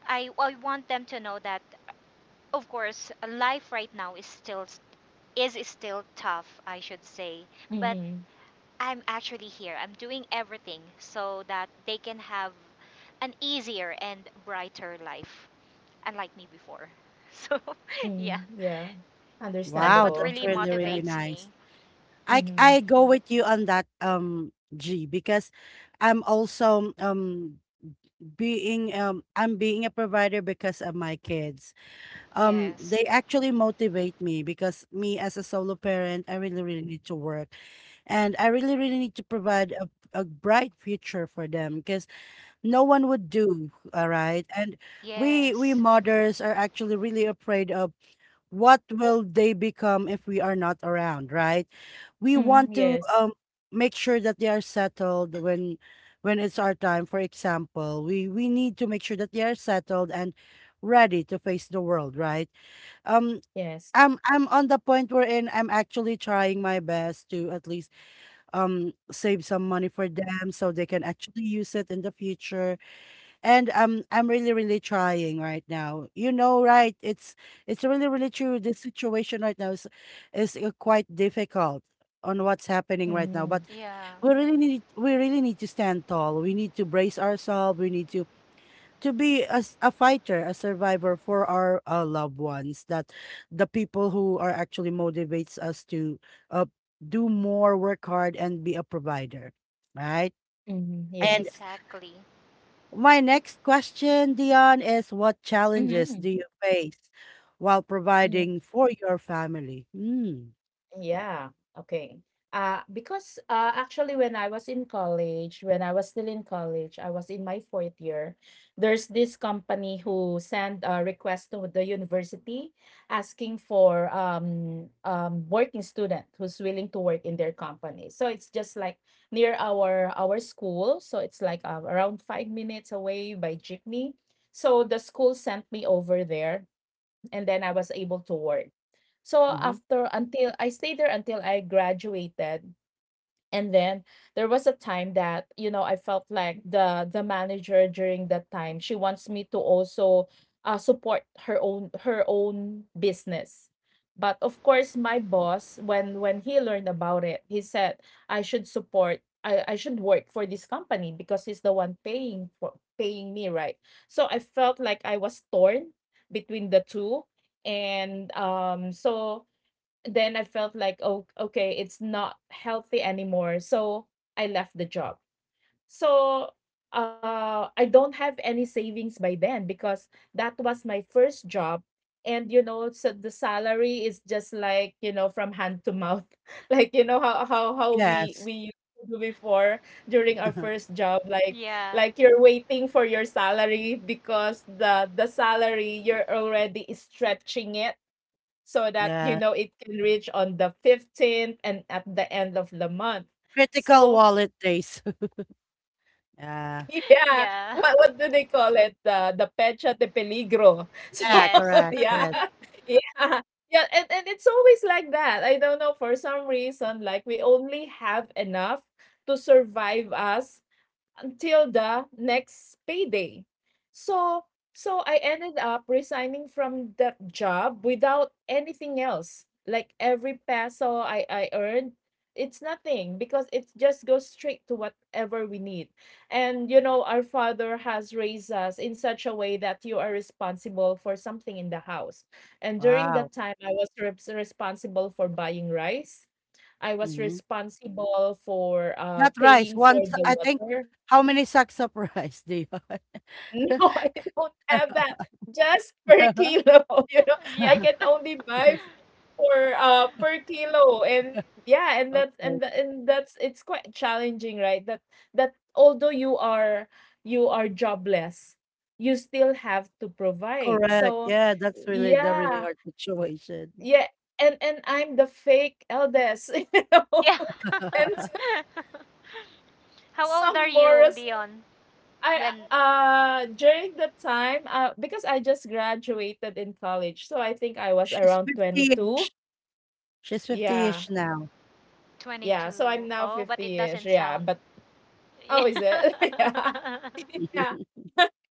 [SPEAKER 3] I want them to know that, of course, life right now is still tough, I should say. But
[SPEAKER 2] Mhm.
[SPEAKER 3] I'm actually here. I'm doing everything so that they can have an easier and brighter life, unlike me before. <laughs> So,
[SPEAKER 2] Mhm.
[SPEAKER 3] yeah,
[SPEAKER 2] Yeah.
[SPEAKER 3] that's
[SPEAKER 1] Wow,
[SPEAKER 3] what
[SPEAKER 2] Understandable.
[SPEAKER 1] that's
[SPEAKER 3] really
[SPEAKER 1] really,
[SPEAKER 2] Yep.
[SPEAKER 1] really
[SPEAKER 3] motivates
[SPEAKER 1] nice.
[SPEAKER 3] me.
[SPEAKER 2] Mhm.
[SPEAKER 1] I go with you on that, G, because I'm also being I'm being a provider because of my kids.
[SPEAKER 3] Yes,
[SPEAKER 1] They actually motivate me because me as a solo parent, I really, really need to work, and I really, really need to provide a bright future for them because no one would do, all right? And we
[SPEAKER 3] yes,
[SPEAKER 1] mothers are actually really afraid of what will they become if we are not around, right? We
[SPEAKER 2] Mhm.
[SPEAKER 1] want to
[SPEAKER 2] Yes.
[SPEAKER 1] make sure that they are settled when it's our time. For example, we need to make sure that they are settled and ready to face the world, right? um
[SPEAKER 2] Yes.
[SPEAKER 1] I'm on the point wherein I'm actually trying my best to at least save some money for them so they can actually use it in the future. And I'm really, really trying right now, you know, right? It's really, really true. This situation right now is quite difficult on what's happening right now.
[SPEAKER 2] Mhm.
[SPEAKER 1] But
[SPEAKER 3] yeah,
[SPEAKER 1] we really need to stand tall, we need to brace ourselves, we need to be as a fighter, a survivor for our loved ones. That the people who are actually motivates us to uh, do more, work hard, and be a provider, right?
[SPEAKER 2] Mhm.
[SPEAKER 1] And
[SPEAKER 2] Yes.
[SPEAKER 3] exactly.
[SPEAKER 1] my next question, Dion, is what challenges do
[SPEAKER 2] Mhm.
[SPEAKER 1] you face while
[SPEAKER 2] Mhm.
[SPEAKER 1] providing for your family? Mm.
[SPEAKER 2] Yeah, okay. Because, actually, when I was still in college, I was in my fourth year. There's this company who send a request to the university, asking for, working student who's willing to work in their company. So it's just like near our school. So it's like, around 5 minutes away by jeepney. So the school sent me over there, and then I was able to work. So
[SPEAKER 1] Mm-hmm.
[SPEAKER 2] after, until I stayed there until I graduated. And then there was a time that, you know, I felt like the manager during that time, she wants me to also, support her own business. But of course, my boss, when he learned about it, he said I should work for this company, because he's the one paying for paying me, right? So I felt like I was torn between the two. And, so then I felt like, oh, okay, it's not healthy anymore. So I left the job. So, I don't have any savings by then, because that was my first job. And, you know, so the salary is just like, you know, from hand to mouth. <laughs> Like, you know, how we
[SPEAKER 1] Yes.
[SPEAKER 2] we used to do before, during our
[SPEAKER 1] <laughs>
[SPEAKER 2] first job. Like
[SPEAKER 3] Yeah,
[SPEAKER 2] like you're waiting for your salary, because the salary, you're already stretching it, so that, you
[SPEAKER 1] Yeah.
[SPEAKER 2] know, it can reach on the 15th and at the end of the month.
[SPEAKER 1] Critical
[SPEAKER 2] So,
[SPEAKER 1] wallet days. <laughs> Yeah.
[SPEAKER 2] <laughs>
[SPEAKER 3] <laughs>
[SPEAKER 2] yeah,
[SPEAKER 3] yeah.
[SPEAKER 2] what do they call it? The pecha de peligro. <laughs> So
[SPEAKER 1] Yeah.
[SPEAKER 3] Yes.
[SPEAKER 1] Correct.
[SPEAKER 2] yeah,
[SPEAKER 1] Yes.
[SPEAKER 3] <laughs>
[SPEAKER 2] yeah, yeah, and it's always like that. I don't know, for some reason, like, we only have enough to survive us until the next payday. So, so I ended up resigning from that job without anything else. Like, every peso I earned, it's nothing, because it just goes straight to whatever we need. And, you know, our father has raised us in such a way that you are responsible for something in the house. And during
[SPEAKER 1] Wow.
[SPEAKER 2] that time, I was reps responsible for buying rice. I was
[SPEAKER 1] Hmm.
[SPEAKER 2] responsible for,
[SPEAKER 1] Not rice,
[SPEAKER 2] paying
[SPEAKER 1] one
[SPEAKER 2] for
[SPEAKER 1] sa
[SPEAKER 2] the
[SPEAKER 1] I think
[SPEAKER 2] water.
[SPEAKER 1] how many sacks of <laughs> rice do you have?
[SPEAKER 2] <laughs> No, I don't have that. Just per
[SPEAKER 1] <laughs>
[SPEAKER 2] kilo. <laughs> You know, I
[SPEAKER 3] Yeah.
[SPEAKER 2] can
[SPEAKER 3] <laughs>
[SPEAKER 2] only buy for, per kilo. And, yeah, and that's,
[SPEAKER 1] Okay.
[SPEAKER 2] and tha- and that's, it's quite challenging, right? That, that although you are, you are jobless, you still have to provide.
[SPEAKER 1] Correct.
[SPEAKER 2] So
[SPEAKER 1] Yeah, that's really the really
[SPEAKER 2] yeah,
[SPEAKER 1] hard situation.
[SPEAKER 2] yeah, and I'm the fake eldest, <laughs> you know, <laughs>
[SPEAKER 3] Yeah.
[SPEAKER 2] and s-
[SPEAKER 3] <laughs> How old are
[SPEAKER 2] some more.
[SPEAKER 3] you, Dion?
[SPEAKER 2] I,
[SPEAKER 3] When
[SPEAKER 2] during that time, because I just graduated in college, so I think I was
[SPEAKER 1] She's
[SPEAKER 2] around 22.
[SPEAKER 1] 50-ish. She's
[SPEAKER 2] Yeah.
[SPEAKER 1] 50-ish now.
[SPEAKER 2] Yeah, so I'm
[SPEAKER 3] 22.
[SPEAKER 2] now
[SPEAKER 3] Oh, but it
[SPEAKER 2] 50-ish.
[SPEAKER 3] doesn't
[SPEAKER 2] Yeah.
[SPEAKER 3] sound. <laughs>
[SPEAKER 2] But, oh,
[SPEAKER 3] Yeah.
[SPEAKER 2] is it? <laughs> Yeah. Yeah.
[SPEAKER 1] <laughs>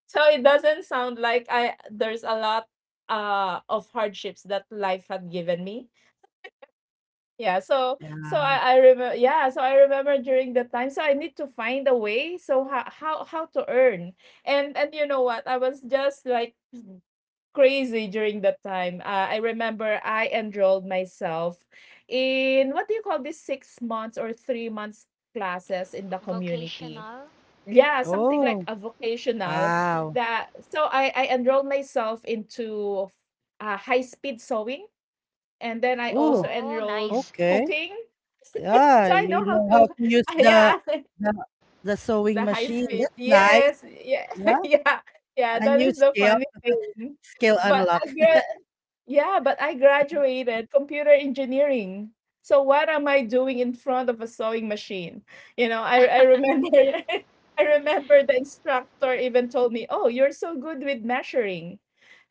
[SPEAKER 2] So it doesn't sound like I there's a lot, of hardships that life had given me. Yeah, so so
[SPEAKER 1] Yeah.
[SPEAKER 2] I remember yeah, so I remember during that time, so I need to find a way. So how to earn. And, you know what? I was just like crazy during that time. I remember I enrolled myself in what do you call this 6 months or 3 months classes in the community.
[SPEAKER 3] Vocational?
[SPEAKER 2] Yeah, something like
[SPEAKER 1] Oh,
[SPEAKER 2] a vocational
[SPEAKER 1] wow.
[SPEAKER 2] that so I enrolled myself into high speed sewing, and then I also
[SPEAKER 1] Oh,
[SPEAKER 3] Oh,
[SPEAKER 2] enrolled
[SPEAKER 3] nice.
[SPEAKER 1] okay.
[SPEAKER 2] cooking.
[SPEAKER 1] Yeah,
[SPEAKER 2] So I
[SPEAKER 1] you
[SPEAKER 2] know how
[SPEAKER 1] know how
[SPEAKER 2] to
[SPEAKER 1] to use
[SPEAKER 2] <laughs> yeah,
[SPEAKER 1] the the
[SPEAKER 2] <laughs>
[SPEAKER 1] sewing
[SPEAKER 2] the high
[SPEAKER 1] machine.
[SPEAKER 2] speed.
[SPEAKER 1] That's nice,
[SPEAKER 2] Yes, yeah, <laughs>
[SPEAKER 1] yeah,
[SPEAKER 2] yeah, yeah,
[SPEAKER 1] a
[SPEAKER 2] that
[SPEAKER 1] new
[SPEAKER 2] is the
[SPEAKER 1] skill
[SPEAKER 2] funny thing.
[SPEAKER 1] skill
[SPEAKER 2] But
[SPEAKER 1] unlocked.
[SPEAKER 2] I Yeah, but I
[SPEAKER 1] Mh.
[SPEAKER 2] graduated computer engineering. So what am I doing in front of a sewing machine? You know, I remember
[SPEAKER 3] <laughs>
[SPEAKER 2] <laughs> I remember the instructor even told me, "Oh, you're so good with measuring."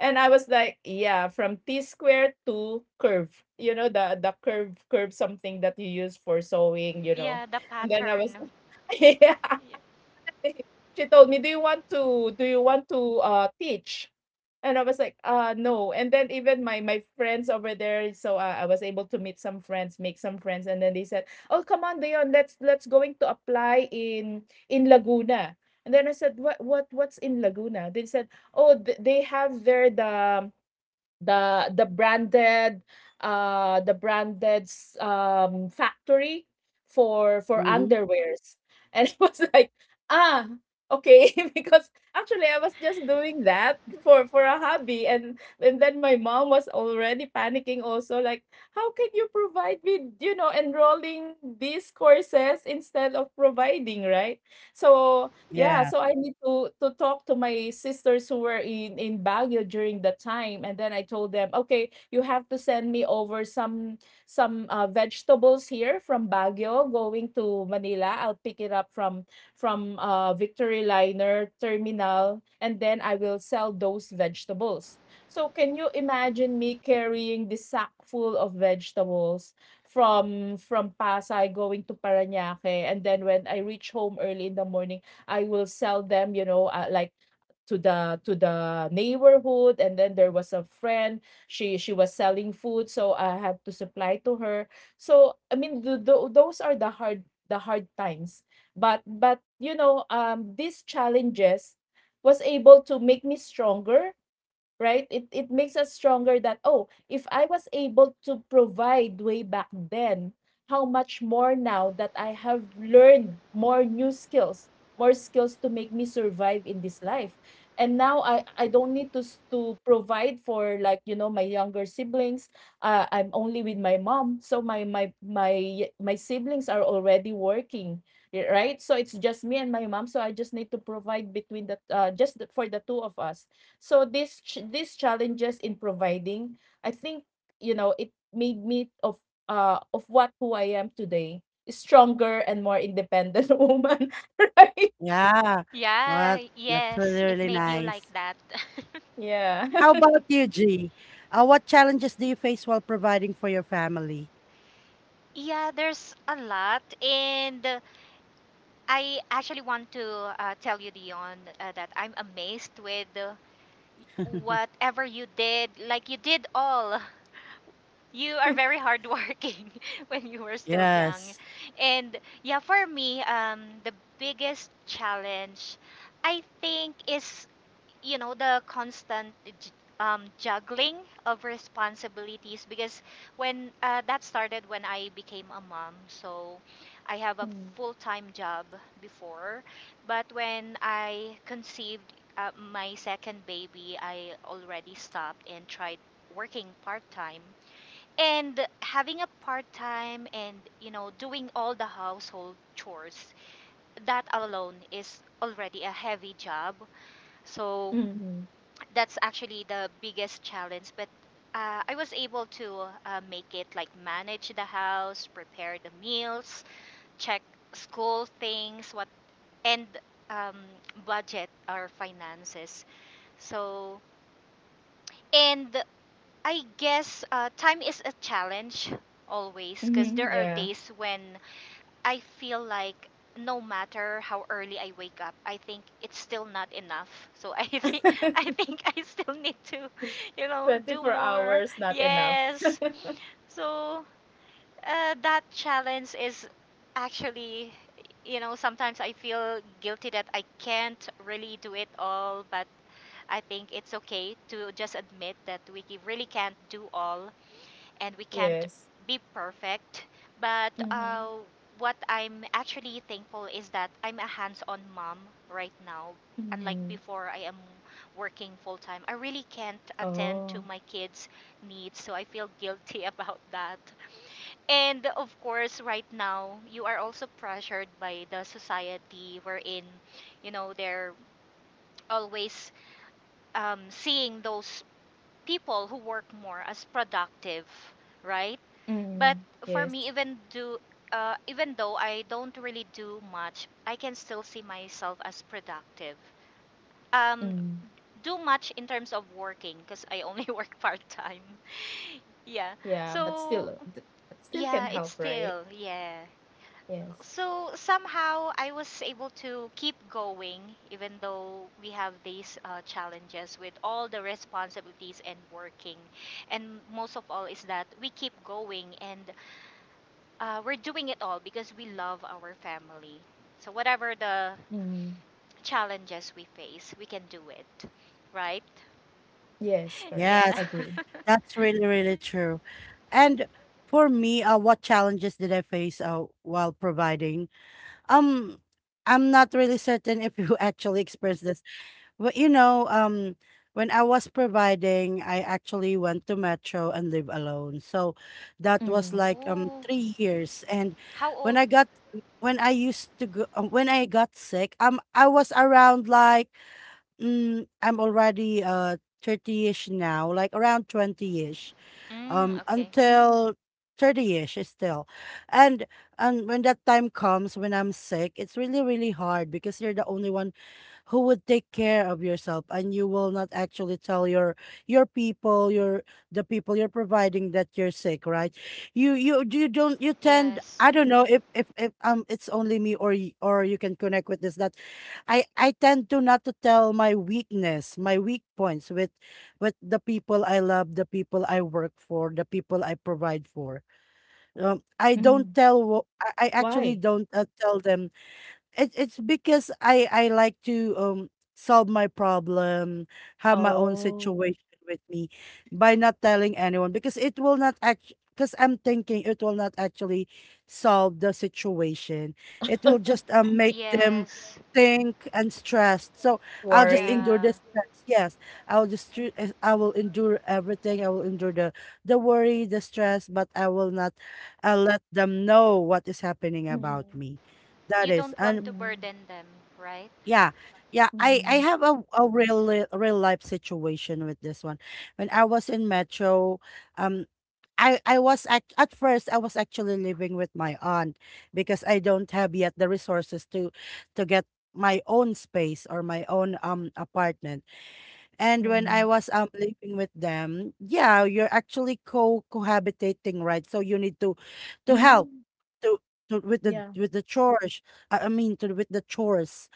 [SPEAKER 2] And I was like, "Yeah, from T square to curve." You know, the the curve, something that you use for sewing, you know.
[SPEAKER 3] Yeah, the
[SPEAKER 2] And then I was
[SPEAKER 3] pattern.
[SPEAKER 2] <laughs> yeah. <laughs> She told me, do you want to teach?" And I was like, " No." And then even my friends over there, so I was able to meet some friends, make some friends, and then they said, "Oh, come on, Dion, let's going to apply in Laguna." And then I said, " what's in Laguna?" They said, "Oh, they have there the the branded the branded factory for
[SPEAKER 1] Mhm.
[SPEAKER 2] underwears and <laughs> it was like ah, okay." <laughs> Because actually I was just doing that for a hobby. And then my mom was already panicking also, like, "How can you provide with, you know, enrolling these courses instead of providing, right?" So yeah,
[SPEAKER 1] Yeah.
[SPEAKER 2] so I need to talk to my sisters who were in Baguio during that time, and then I told them, "Okay, you have to send me over some vegetables here from Baguio, going to Manila. I'll pick it up from Victory Liner Terminal, and then I will sell those vegetables." So can you imagine me carrying this sack full of vegetables from Pasay going to Paranaque, and then when I reach home early in the morning? I will sell them, you know, like to the neighborhood. And then there was a friend. She was selling food, so I had to supply to her. So I mean, those are the hard times. But you know, these challenges was able to make me stronger, right? It makes us stronger that, oh, if I was able to provide way back then, how much more now that I have learned more new skills, more skills to make me survive in this life. And now I don't need to to provide for, like, you know, my younger siblings. I'm only with my mom. So my siblings are already working, right? So it's just me and my mom, so I just need to provide between the just the, for the two of us. So this these challenges in providing, I think, you know, it made me of what, who I am today, a stronger and more independent <laughs> woman, <laughs> right?
[SPEAKER 1] Yeah. Well,
[SPEAKER 3] Yeah,
[SPEAKER 1] that's
[SPEAKER 3] yes,
[SPEAKER 1] really,
[SPEAKER 3] it
[SPEAKER 1] really
[SPEAKER 3] made you
[SPEAKER 1] nice.
[SPEAKER 3] like that. <laughs>
[SPEAKER 2] Yeah.
[SPEAKER 1] How about you, G? What challenges do you face while providing for your family?
[SPEAKER 3] Yeah, there's a lot and I actually want to tell you, Dion, that I'm amazed with
[SPEAKER 1] <laughs>
[SPEAKER 3] whatever you did. Like, you did all. <laughs> You are very hardworking <laughs> when you were still young.
[SPEAKER 1] Yes.
[SPEAKER 3] And yeah, for me, the biggest challenge, I think, is you know the constant juggling of responsibilities because when that started when I became a mom, so I have a
[SPEAKER 2] <laughs>
[SPEAKER 3] full-time job before, but when I conceived my second baby, I already stopped and tried working part-time and having a part-time, and you know, doing all the household chores, that alone is already a heavy job. So
[SPEAKER 2] Mm-hmm.
[SPEAKER 3] that's actually the biggest challenge, but I was able to make it, like manage the house, prepare the meals, check school things, what, and um, budget our finances. So, and I guess time is a challenge always because there
[SPEAKER 2] Mm-hmm.
[SPEAKER 3] are
[SPEAKER 2] Yeah.
[SPEAKER 3] days when I feel like no matter how early I wake up, I think it's still not enough. <laughs> So I think <laughs> I
[SPEAKER 2] <laughs>
[SPEAKER 3] think I still need to, you know, do
[SPEAKER 2] 24
[SPEAKER 3] more.
[SPEAKER 2] hours not enough.
[SPEAKER 3] Yes. So that challenge is actually, you know, sometimes I feel guilty that I can't really do it all, but I think it's okay to just admit that we really can't do all and we can't
[SPEAKER 2] Yes.
[SPEAKER 3] be perfect. But
[SPEAKER 2] Mm-hmm.
[SPEAKER 3] what I'm actually thankful is that I'm a hands on mom right now. Unlike
[SPEAKER 2] Mm-hmm.
[SPEAKER 3] before, I am working full time. I really can't attend to
[SPEAKER 2] Oh.
[SPEAKER 3] my kids' needs, so I feel guilty <laughs> about that. And of course, right now, you are also pressured by the society wherein, you know, they're always seeing those people who work more as productive, right?
[SPEAKER 2] Mm-hmm.
[SPEAKER 3] But for
[SPEAKER 2] Yes.
[SPEAKER 3] me, even though I don't really do much, I can still see myself as productive. Um,
[SPEAKER 2] Mm.
[SPEAKER 3] do much in terms of working because I only <laughs> work part time. Yeah.
[SPEAKER 2] Yeah, but still,
[SPEAKER 3] So
[SPEAKER 2] but still can
[SPEAKER 3] yeah, it's
[SPEAKER 2] help, right?
[SPEAKER 3] still yeah.
[SPEAKER 2] Yes.
[SPEAKER 3] So somehow I was able to keep going even though we have these challenges with all the responsibilities and working. And most of all is that we keep going and we're doing it all because we love our family. So whatever the
[SPEAKER 2] Mm.
[SPEAKER 3] challenges we face, we can do it, right?
[SPEAKER 2] Yes,
[SPEAKER 3] <laughs>
[SPEAKER 2] correct.
[SPEAKER 3] Yeah.
[SPEAKER 1] Yes.
[SPEAKER 3] <laughs>
[SPEAKER 2] Agree.
[SPEAKER 1] That's really, really true. And for me, what challenges did I face while providing? Um, I'm not really certain if you <laughs> actually experienced this, but you know, when I was providing, I actually went to Metro and live alone. So that was
[SPEAKER 2] Mm,
[SPEAKER 1] like
[SPEAKER 3] Oh,
[SPEAKER 1] 3 years. And
[SPEAKER 3] how
[SPEAKER 1] when
[SPEAKER 3] old?
[SPEAKER 1] I got when I used to go when I got sick, I was around like I'm already 30-ish now, like around 20-ish
[SPEAKER 3] Mm, okay.
[SPEAKER 1] until 30-ish still, and and when that time comes when I'm sick, it's really, really hard because you're the only one who would take care of yourself, and you will not actually tell your people, your the people you're providing that you're sick, right? You don't, you tend,
[SPEAKER 3] Yes.
[SPEAKER 1] I don't know if it's only me or you can connect with this, that I tend to not to tell my weakness, my weak points with the people I love, the people I work for, the people I provide for. I don't
[SPEAKER 2] mm.
[SPEAKER 1] tell. I actually
[SPEAKER 2] Why?
[SPEAKER 1] don't tell them. It's because I like to solve my problem, have my own
[SPEAKER 2] Oh,
[SPEAKER 1] situation with me by not telling anyone, because it will not act because I'm thinking it will not actually solve the situation. It will
[SPEAKER 2] <laughs>
[SPEAKER 1] just make them
[SPEAKER 3] Yes.
[SPEAKER 1] think and stressed. So I'll just
[SPEAKER 2] worry.
[SPEAKER 1] endure
[SPEAKER 3] Yeah.
[SPEAKER 1] the stress. Yes, I'll just I will endure everything. I will endure the worry, the stress, but I will not let them know what is happening about
[SPEAKER 2] Mm,
[SPEAKER 1] me. That
[SPEAKER 3] You
[SPEAKER 1] is.
[SPEAKER 3] don't want
[SPEAKER 1] And
[SPEAKER 3] to
[SPEAKER 2] mm,
[SPEAKER 3] burden them, right?
[SPEAKER 1] yeah. Yeah, I
[SPEAKER 2] mm,
[SPEAKER 1] have a real life situation with this one. When I was in Metro, um I was at first I was actually living with my aunt because I don't have yet the resources to get my own space or my own apartment. And when I
[SPEAKER 2] mm,
[SPEAKER 1] was living with them, yeah, you're actually co cohabitating, right? So you need to help
[SPEAKER 2] mm.
[SPEAKER 1] to, to
[SPEAKER 2] Yeah.
[SPEAKER 1] with the chores. I mean, to with the chores.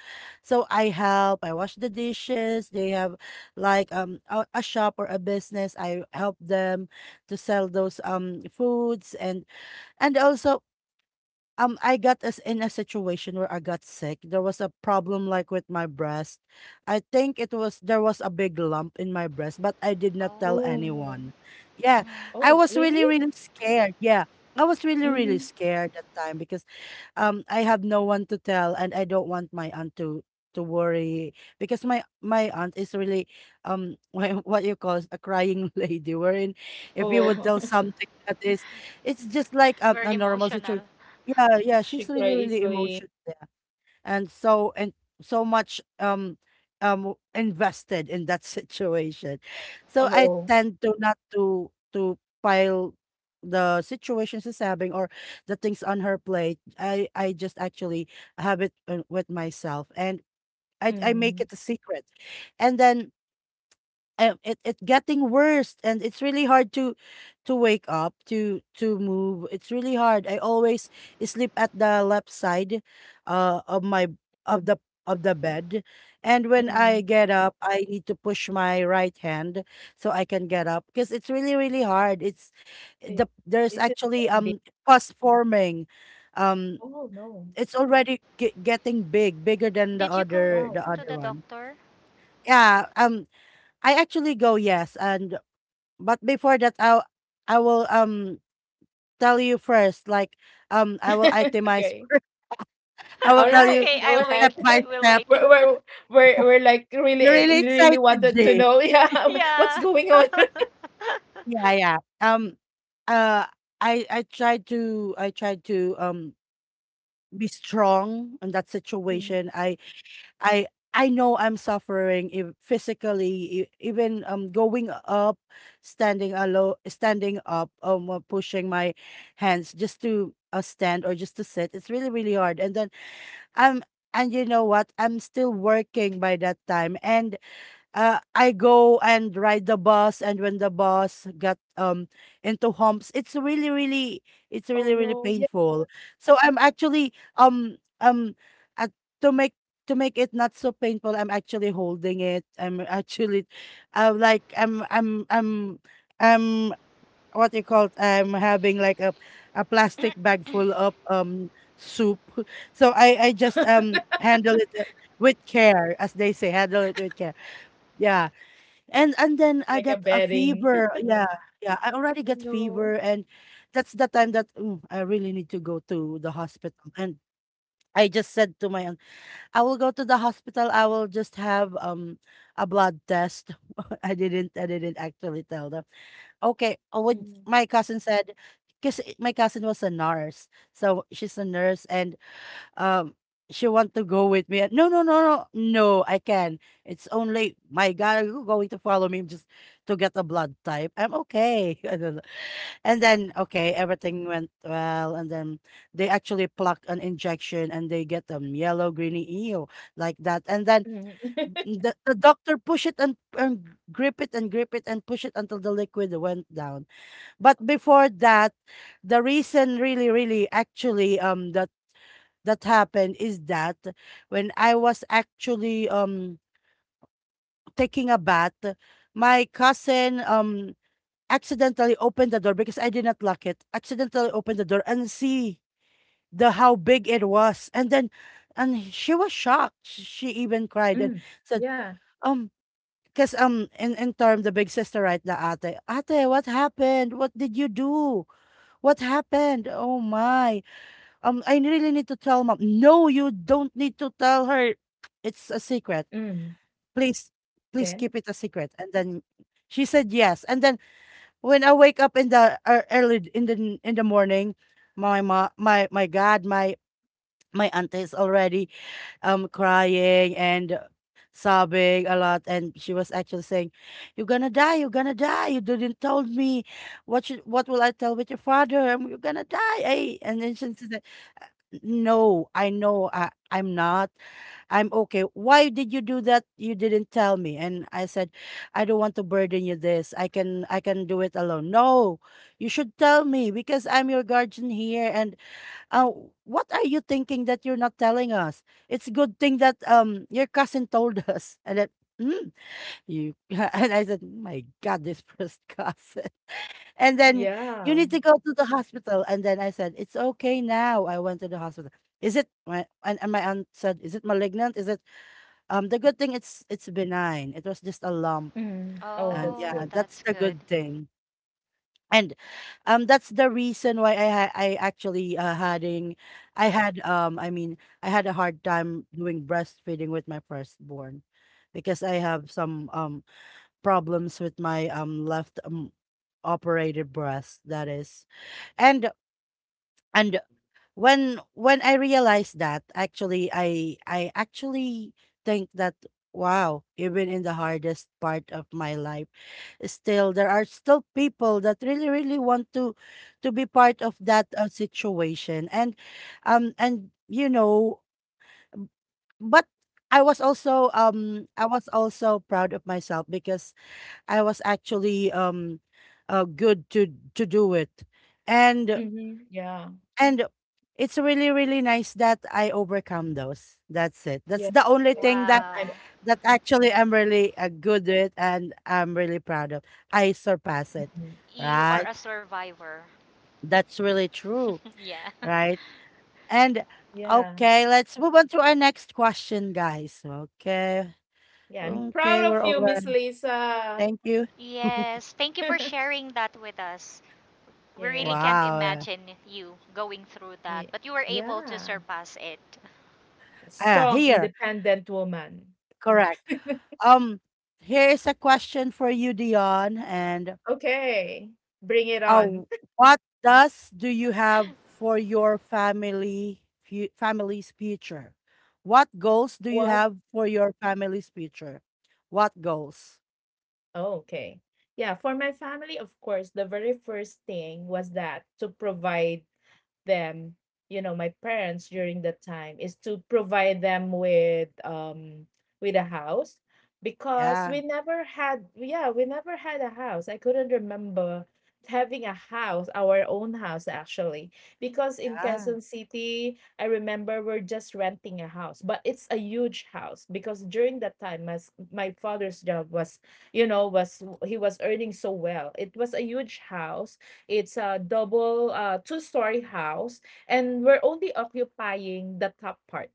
[SPEAKER 1] So I help. I wash the dishes. They have like a shop or a business. I help them to sell those foods, and also I got us in a situation where I got sick. There was a problem like with my breast. I think it was there was a big lump in my breast, but I did not tell
[SPEAKER 3] Oh.
[SPEAKER 2] Oh, no.
[SPEAKER 1] anyone. Yeah,
[SPEAKER 3] Mm-hmm.
[SPEAKER 1] I
[SPEAKER 2] Oh,
[SPEAKER 1] was really,
[SPEAKER 2] really?
[SPEAKER 1] really scared. Yeah. I was really, really
[SPEAKER 2] Mm-hmm.
[SPEAKER 1] scared that time because I have no one to tell, and I don't want my aunt to worry because my aunt is really <laughs> what you call a crying <laughs> lady, wherein if you would
[SPEAKER 2] Oh,
[SPEAKER 1] tell
[SPEAKER 2] <laughs>
[SPEAKER 1] something that is, it's just like
[SPEAKER 3] Very
[SPEAKER 1] a normal
[SPEAKER 3] emotional.
[SPEAKER 1] situation. Yeah, yeah, she's
[SPEAKER 2] she
[SPEAKER 1] really,
[SPEAKER 2] cry
[SPEAKER 1] really
[SPEAKER 2] easily.
[SPEAKER 1] emotional, and so much invested in that <laughs> situation, so I
[SPEAKER 2] Oh,
[SPEAKER 1] tend to not to, to pile the situation she's having or the things on her plate. I just actually have it with myself, and I make
[SPEAKER 2] mm,
[SPEAKER 1] it a secret. And then it it getting worse, and it's really hard to wake up, to move. It's really hard. I always sleep at the left side of my, of the, of the bed, and when I
[SPEAKER 2] mm,
[SPEAKER 1] get up, I need to push my right hand so I can get up, because it's really, really hard. It's, the
[SPEAKER 2] it,
[SPEAKER 1] there's
[SPEAKER 2] is it
[SPEAKER 1] actually
[SPEAKER 2] very big?
[SPEAKER 1] pus forming. um
[SPEAKER 2] Oh, no.
[SPEAKER 1] it's already getting big, bigger than the
[SPEAKER 3] Did you go
[SPEAKER 1] other, the
[SPEAKER 2] Wow.
[SPEAKER 3] to
[SPEAKER 1] other
[SPEAKER 3] the
[SPEAKER 1] one.
[SPEAKER 3] doctor?
[SPEAKER 1] Yeah, I actually go, yes, and but before that, I will tell you first, like, I will
[SPEAKER 2] <laughs>
[SPEAKER 1] itemize.
[SPEAKER 2] Okay.
[SPEAKER 1] <laughs> I
[SPEAKER 2] All
[SPEAKER 1] will
[SPEAKER 3] <laughs>
[SPEAKER 1] tell
[SPEAKER 2] right.
[SPEAKER 1] you
[SPEAKER 3] Okay,
[SPEAKER 2] Go
[SPEAKER 3] I'll
[SPEAKER 2] ahead.
[SPEAKER 3] wait.
[SPEAKER 1] step by
[SPEAKER 3] We'll
[SPEAKER 2] <laughs>
[SPEAKER 1] step.
[SPEAKER 3] wait.
[SPEAKER 2] We're,
[SPEAKER 3] <laughs>
[SPEAKER 2] we're, we're like
[SPEAKER 1] You're
[SPEAKER 2] really,
[SPEAKER 1] really
[SPEAKER 2] really
[SPEAKER 1] excited,
[SPEAKER 2] wanted to
[SPEAKER 1] Jay.
[SPEAKER 2] know. <laughs> Yeah. What's
[SPEAKER 3] Yeah.
[SPEAKER 2] going on? <laughs>
[SPEAKER 1] Yeah, uh I tried to, I tried to be strong in that situation.
[SPEAKER 2] Mhm.
[SPEAKER 1] I I know I'm suffering if physically, even going up, standing alo standing up, pushing my hands just to stand or just to sit, it's really, really hard. And then I'm, and you know what, I'm still working by that time, and I go and ride the bus, and when the bus got into humps, it's really,
[SPEAKER 2] Oh,
[SPEAKER 1] really
[SPEAKER 2] no. Yeah,
[SPEAKER 1] painful. So I'm actually uh, to make, to make it not so painful, I'm actually holding it. I'm actually, like I'm what you call it? I'm having like a plastic bag full
[SPEAKER 3] <coughs>
[SPEAKER 1] of soup. <laughs> So I just handle it with care, as they say, handle it with care. Yeah. And then I
[SPEAKER 2] like a
[SPEAKER 1] got a
[SPEAKER 2] bedding.
[SPEAKER 1] fever.
[SPEAKER 2] <laughs>
[SPEAKER 1] Yeah, yeah. I already
[SPEAKER 2] Oh,
[SPEAKER 1] got fever,
[SPEAKER 2] no.
[SPEAKER 1] and that's the time that, mm, I really need to go to the hospital. And I just said to my aunt, I will go to the hospital. I will just have a blood test. <laughs> I didn't. I didn't actually tell them. Okay. What
[SPEAKER 2] Mhm.
[SPEAKER 1] my cousin said, because my cousin was a nurse, so she's a nurse, and um she want to go with me. No, no, no, no, no, I can. It's only my God, are you going to follow me just to get a blood type? I'm okay. <laughs> I don't know. And then okay, everything went well. And then they actually pluck an injection, and they get yellow, greeny eel like that. And then
[SPEAKER 2] Mhm. <laughs>
[SPEAKER 1] the doctor push it, and grip it and grip it and push it until the liquid went down. But before that, the reason really, really actually the that happened is that when I was actually taking a bath, my cousin accidentally opened the door, because I did not lock it. Accidentally opened the door and see the, how big it was, and then, and she was shocked. She even cried and
[SPEAKER 2] Mm.
[SPEAKER 1] said,
[SPEAKER 2] Yeah.
[SPEAKER 1] um. Because in term the big sister, right, the ate, ate what happened, what did you do, what happened, oh my. I really need to tell mom. No, you don't need to tell her. It's a secret.
[SPEAKER 2] Mm.
[SPEAKER 1] Please, please
[SPEAKER 2] Then?
[SPEAKER 1] keep it a secret. And then she said yes. And then when I wake up in the early in the, in the morning, my ma, my God, my auntie is already crying and sobbing a lot, and she was actually saying, "You're gonna die. You're gonna die. You didn't told me. What should, what will I tell with your father? You're gonna die." Eh? And then she said, no, I know I, I'm not. I'm okay. Why did you do that? You didn't tell me. And I said, I don't want to burden you this. I can, I can do it alone. No, you should tell me because I'm your guardian here. And uh, what are you thinking that you're not telling us? It's a good thing that your cousin told <laughs> us. And then, mm, you <laughs> and I said, my God, this first cousin. And then you
[SPEAKER 2] Yeah.
[SPEAKER 1] need to go to the hospital. And then I said, it's okay now. I went to the hospital. Is it my, and my aunt said, is it malignant? Is it the good thing, it's benign. It was just a lump.
[SPEAKER 2] Mm. Oh,
[SPEAKER 1] And
[SPEAKER 2] that's
[SPEAKER 3] Oh,
[SPEAKER 1] yeah,
[SPEAKER 2] good.
[SPEAKER 1] that's
[SPEAKER 3] that's
[SPEAKER 1] the
[SPEAKER 3] good.
[SPEAKER 1] good thing. And that's the reason why I actually having I had I mean I had a hard time doing breastfeeding with my firstborn, because I have some problems with my left operated breast, that is. and And when I realized that, actually, I actually think that wow, even in the hardest part of my life, still there are still people that really, really want to be part of that situation. And you know, b- but I was also proud of myself, because I was actually good to do it. And
[SPEAKER 2] Mhm. Yeah.
[SPEAKER 1] and it's really, really nice that I overcome those. That's it. That's
[SPEAKER 2] Yeah.
[SPEAKER 1] the only
[SPEAKER 2] Yes.
[SPEAKER 1] thing
[SPEAKER 2] I'm
[SPEAKER 1] that,
[SPEAKER 2] I'm
[SPEAKER 3] Wow.
[SPEAKER 1] that actually I'm really good with and I'm really proud of. I surpass it,
[SPEAKER 2] mhm.
[SPEAKER 3] You
[SPEAKER 1] right?
[SPEAKER 3] are a survivor.
[SPEAKER 1] That's really true,
[SPEAKER 3] <laughs> Yeah.
[SPEAKER 1] right? And
[SPEAKER 2] Yeah.
[SPEAKER 1] okay, let's move on to our next question, guys. Okay.
[SPEAKER 2] Yeah, I'm
[SPEAKER 1] Okay,
[SPEAKER 2] proud
[SPEAKER 1] we're
[SPEAKER 2] of
[SPEAKER 1] all
[SPEAKER 2] you, Miss
[SPEAKER 1] done.
[SPEAKER 2] Lisa.
[SPEAKER 1] Thank you. <laughs>
[SPEAKER 3] Yes, thank you for
[SPEAKER 2] <laughs>
[SPEAKER 3] sharing that with us. We really
[SPEAKER 2] Yes.
[SPEAKER 3] can't
[SPEAKER 1] Wow, yeah.
[SPEAKER 3] imagine you going through that,
[SPEAKER 2] Ye-
[SPEAKER 3] but you were able to
[SPEAKER 2] Yeah.
[SPEAKER 3] surpass it.
[SPEAKER 2] A
[SPEAKER 1] Ah,
[SPEAKER 2] strong,
[SPEAKER 1] here.
[SPEAKER 2] independent woman.
[SPEAKER 1] Correct. Um, Here is a question for you, Dion. And
[SPEAKER 2] Okay. Bring it on.
[SPEAKER 1] oh,
[SPEAKER 2] <laughs>
[SPEAKER 1] what does do you have for your family family's future? What goals do you
[SPEAKER 2] What
[SPEAKER 1] have for your family's future? What goals?
[SPEAKER 2] Oh, okay. Yeah, for my family, of course, the very first thing was that to provide them, you know, my parents during that time, is to provide them with a house, because
[SPEAKER 1] Yeah,
[SPEAKER 2] we never had, yeah, we never had a house. I couldn't remember having a house, our own house actually. Because in
[SPEAKER 1] yeah.
[SPEAKER 2] Quezon City, I remember we're just renting a house, but it's a huge house because during that time my father's job was, you know, was he was earning so well. It was a huge house. It's a double two-story house, and we're only occupying the top part,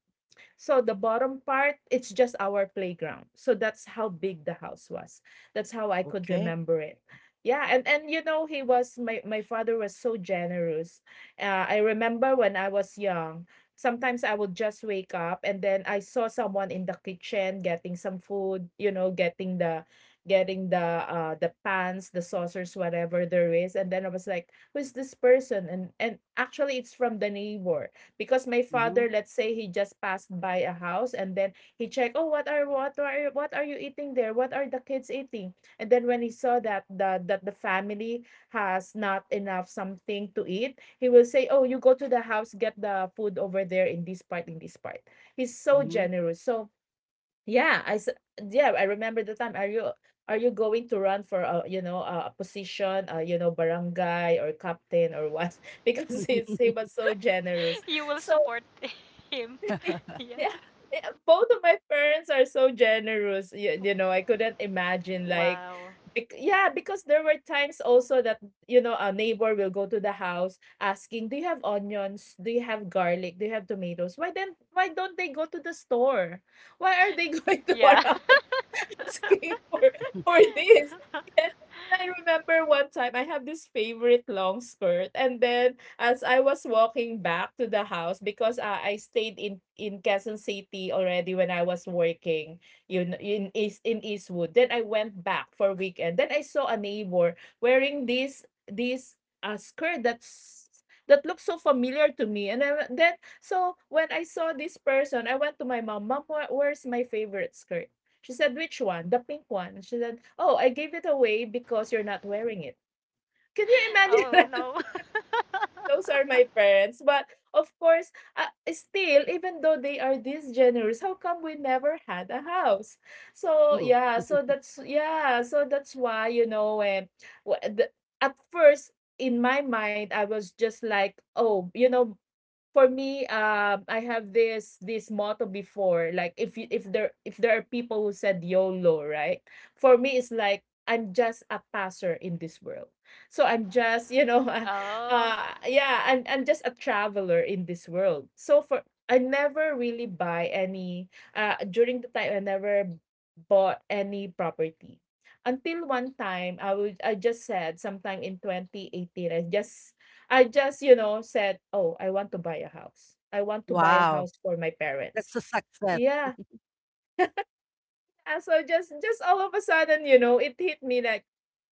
[SPEAKER 2] so the bottom part, it's just our playground. So that's how big the house was. That's how I could
[SPEAKER 1] Okay.
[SPEAKER 2] remember it. Yeah, and you know he was my father was so generous. I remember when I was young, sometimes I would just wake up and then I saw someone in the kitchen getting some food, you know, getting the pans, the saucers, whatever there is, and then I was like, who's this person? And actually it's from the neighbor, because my
[SPEAKER 1] Mm-hmm.
[SPEAKER 2] father, let's say he just passed by a house, and then he checked, "Oh, what are what are you eating there? What are the kids eating?" And then when he saw that the family has not enough something to eat, he will say, "Oh, you go to the house, get the food over there in this part, in this part." He's so
[SPEAKER 1] Mm-hmm.
[SPEAKER 2] generous. So yeah, yeah, I remember the time, "Are you, are you going to run for a, you know, a position, you know, barangay or captain or what?" <laughs> Because he's, he was so
[SPEAKER 3] <laughs>
[SPEAKER 2] generous,
[SPEAKER 3] You will
[SPEAKER 2] so
[SPEAKER 3] support <laughs> him.
[SPEAKER 2] <laughs>
[SPEAKER 3] <laughs> Yeah.
[SPEAKER 2] yeah, yeah, both of my parents are so generous. You know, I couldn't imagine, like,
[SPEAKER 3] Wow.
[SPEAKER 2] yeah, because there were times also that, you know, a neighbor will go to the house asking, "Do you have onions? Do you have garlic? Do you have tomatoes? Why don't they go to the store? Why are they <laughs> going to our
[SPEAKER 3] Yeah.
[SPEAKER 2] house <laughs> asking for this?"
[SPEAKER 3] <laughs>
[SPEAKER 2] <laughs> I remember one time I have this favorite long skirt, and then as I was walking back to the house, because, ah, I stayed in Quezon City already when I was working, you know, in Eastwood. Then I went back for weekend. Then I saw a neighbor wearing this this, ah, skirt that's that looks so familiar to me, and I wa then so when I saw this person, I went to my mom, "Mom, where's my favorite skirt?" She said, "Which one?" "The pink one." She said, "Oh, I gave it away because you're not wearing it." Can you
[SPEAKER 3] Oh
[SPEAKER 2] imagine? <laughs>
[SPEAKER 3] no.
[SPEAKER 2] Those are my parents. But of course, still, even though they are this generous, how come we never had a house?
[SPEAKER 1] <laughs>
[SPEAKER 2] So
[SPEAKER 1] Ooh.
[SPEAKER 2] yeah, so that's, yeah, so that's why, you know, when wh- the, at first in my mind I was just like, oh, you know, for me, I have this this motto before. Like, if you, if there, if there are people who said YOLO, right? For me, it's like I'm just a passer in this world. So I'm just, you know, <laughs>
[SPEAKER 3] <laughs> Oh.
[SPEAKER 2] yeah, I'm just a traveler in this world. So for I never really buy any. During the time I never bought any property. Until one time, I just said sometime in 2018, I just, you know, said, "Oh, I want to buy a house. I want to buy a house
[SPEAKER 1] Wow.
[SPEAKER 2] for my parents."
[SPEAKER 1] That's a success.
[SPEAKER 2] Yeah, yeah, so just all of a sudden, you know, it hit me like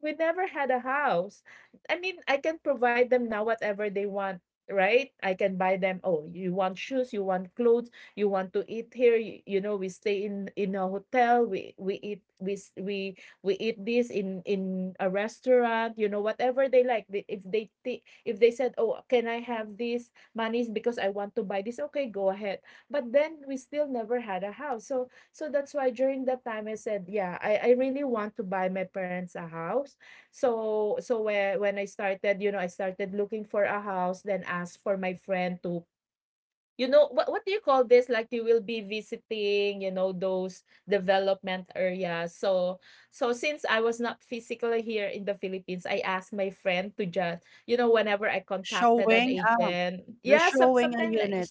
[SPEAKER 2] we never had a house. I mean, I can provide them now whatever they want, right? I can buy them, "Oh, you want shoes, you want clothes, you want to eat here," you know, we stay in a hotel, we we eat this in a restaurant, you know, whatever they like. If they said, "Oh, can I have this money because I want to buy this?" Okay, go ahead. But then we still never had a house. So so that's why during that time I said, yeah, I really want to buy my parents a house. So so when I started, you know, I started looking for a house, then asked for my friend to, you know, what do you call this? Like, you will be visiting, you know, those development areas. So so since I was not physically here in the Philippines, I asked my friend to just, you know, whenever I contacted an
[SPEAKER 1] Showing
[SPEAKER 2] agent,
[SPEAKER 1] you're
[SPEAKER 2] yeah, some
[SPEAKER 1] showing a
[SPEAKER 2] sometimes like
[SPEAKER 1] unit.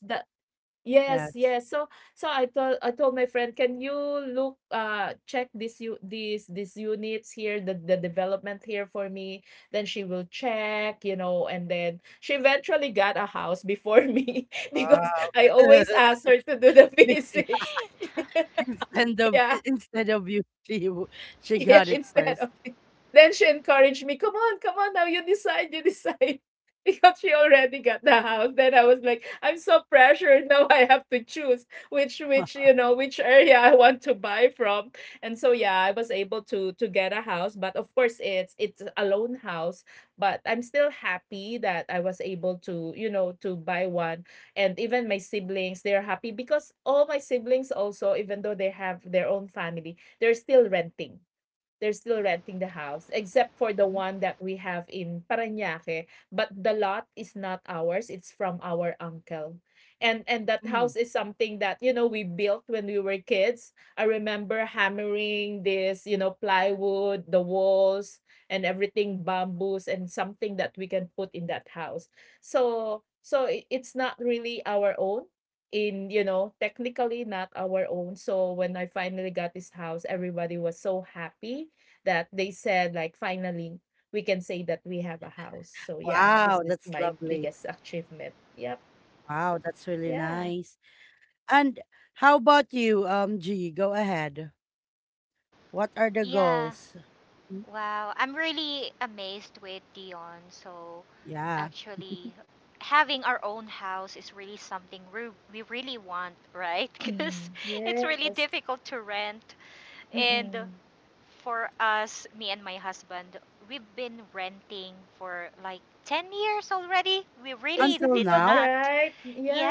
[SPEAKER 2] Yes,
[SPEAKER 1] Yes.
[SPEAKER 2] yes. So I told my friend, "Can you look check this you these units here, the development here for me?" Then she will check, you know, and then she eventually got a house before me <laughs> because
[SPEAKER 1] Wow.
[SPEAKER 2] I always
[SPEAKER 1] <laughs>
[SPEAKER 2] ask her to do the <laughs>
[SPEAKER 1] Be-
[SPEAKER 2] visits. <laughs>
[SPEAKER 3] <laughs>
[SPEAKER 1] Instead of,
[SPEAKER 2] Yeah.
[SPEAKER 1] instead of you, <laughs>
[SPEAKER 2] <laughs>
[SPEAKER 1] she
[SPEAKER 2] Yeah,
[SPEAKER 1] got it
[SPEAKER 3] Sh-
[SPEAKER 2] instead
[SPEAKER 1] first.
[SPEAKER 2] of me. Then she encouraged me, "Come on, come on now, you decide, you decide." <laughs> Because she already got the house. Then I was like, I'm so pressured. Now I have to choose which,
[SPEAKER 1] <laughs>
[SPEAKER 2] you know, which area I want to buy from. And so yeah, I was able to get a house, but of course it's a loan house, but I'm still happy that I was able to, you know, to buy one. And even my siblings, they're happy because all my siblings also, even though they have their own family, they're still renting, the house except for the one that we have in Parañaque, but the lot is not ours, it's from our uncle. And that house
[SPEAKER 1] Mm.
[SPEAKER 2] is something that, you know, we built when we were kids. I remember hammering this, you know, plywood, the walls and everything, bamboos and something that we can put in that house. So it's not really our own, in, you know, technically not our own. So when I finally got this house, everybody was so happy that they said, like, finally we can say that we have a house. So yeah, this
[SPEAKER 1] Wow,
[SPEAKER 2] is
[SPEAKER 1] that's
[SPEAKER 2] my
[SPEAKER 1] lovely.
[SPEAKER 2] biggest achievement. Yep.
[SPEAKER 1] Wow, that's really
[SPEAKER 2] Yeah.
[SPEAKER 1] nice. And how about you, G? Go ahead. What are the
[SPEAKER 3] yeah.
[SPEAKER 1] goals? Mhm.
[SPEAKER 3] Wow, I'm really amazed with Dion. So,
[SPEAKER 1] Yeah.
[SPEAKER 3] actually,
[SPEAKER 1] <laughs>
[SPEAKER 3] having our own house is really something we really want, right? <laughs> Because
[SPEAKER 2] Mm,
[SPEAKER 3] it's really
[SPEAKER 2] yes.
[SPEAKER 3] difficult to rent. And
[SPEAKER 2] Mm-mm.
[SPEAKER 3] for us, me and my husband, we've been renting for like 10 years already. We
[SPEAKER 2] It's
[SPEAKER 3] really
[SPEAKER 1] Until
[SPEAKER 3] did
[SPEAKER 2] difficult,
[SPEAKER 1] now?
[SPEAKER 3] not.
[SPEAKER 2] right?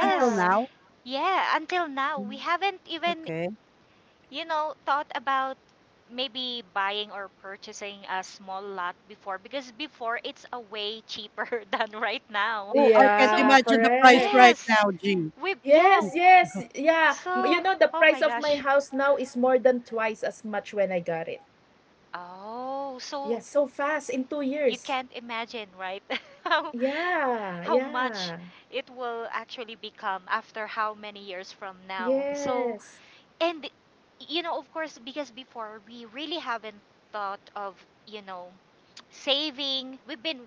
[SPEAKER 1] Until now?
[SPEAKER 3] Yeah, until now, we
[SPEAKER 1] Mm,
[SPEAKER 3] haven't even
[SPEAKER 1] okay.
[SPEAKER 3] you know, thought about maybe buying or purchasing a small lot before because before it's a way cheaper <laughs> than right now.
[SPEAKER 1] Oh, I can't
[SPEAKER 2] Yeah,
[SPEAKER 3] So,
[SPEAKER 1] imagine the price
[SPEAKER 2] correct.
[SPEAKER 1] right now,
[SPEAKER 3] yes.
[SPEAKER 1] G.
[SPEAKER 3] We yeah,
[SPEAKER 2] Yes, yes.
[SPEAKER 1] <laughs>
[SPEAKER 2] Yeah.
[SPEAKER 3] so
[SPEAKER 2] You know, the
[SPEAKER 3] oh
[SPEAKER 2] price
[SPEAKER 3] my
[SPEAKER 2] of my
[SPEAKER 3] gosh.
[SPEAKER 2] house now is more than twice as much when I got it.
[SPEAKER 3] Oh, so
[SPEAKER 2] Yeah, so fast in two
[SPEAKER 3] you
[SPEAKER 2] years.
[SPEAKER 3] can't imagine, right? <laughs> how
[SPEAKER 2] Yeah,
[SPEAKER 3] how much
[SPEAKER 2] yeah.
[SPEAKER 3] it will actually become after how many years from now. So,
[SPEAKER 2] Yes.
[SPEAKER 3] and you know, of course, because before we really haven't thought of, you know, saving.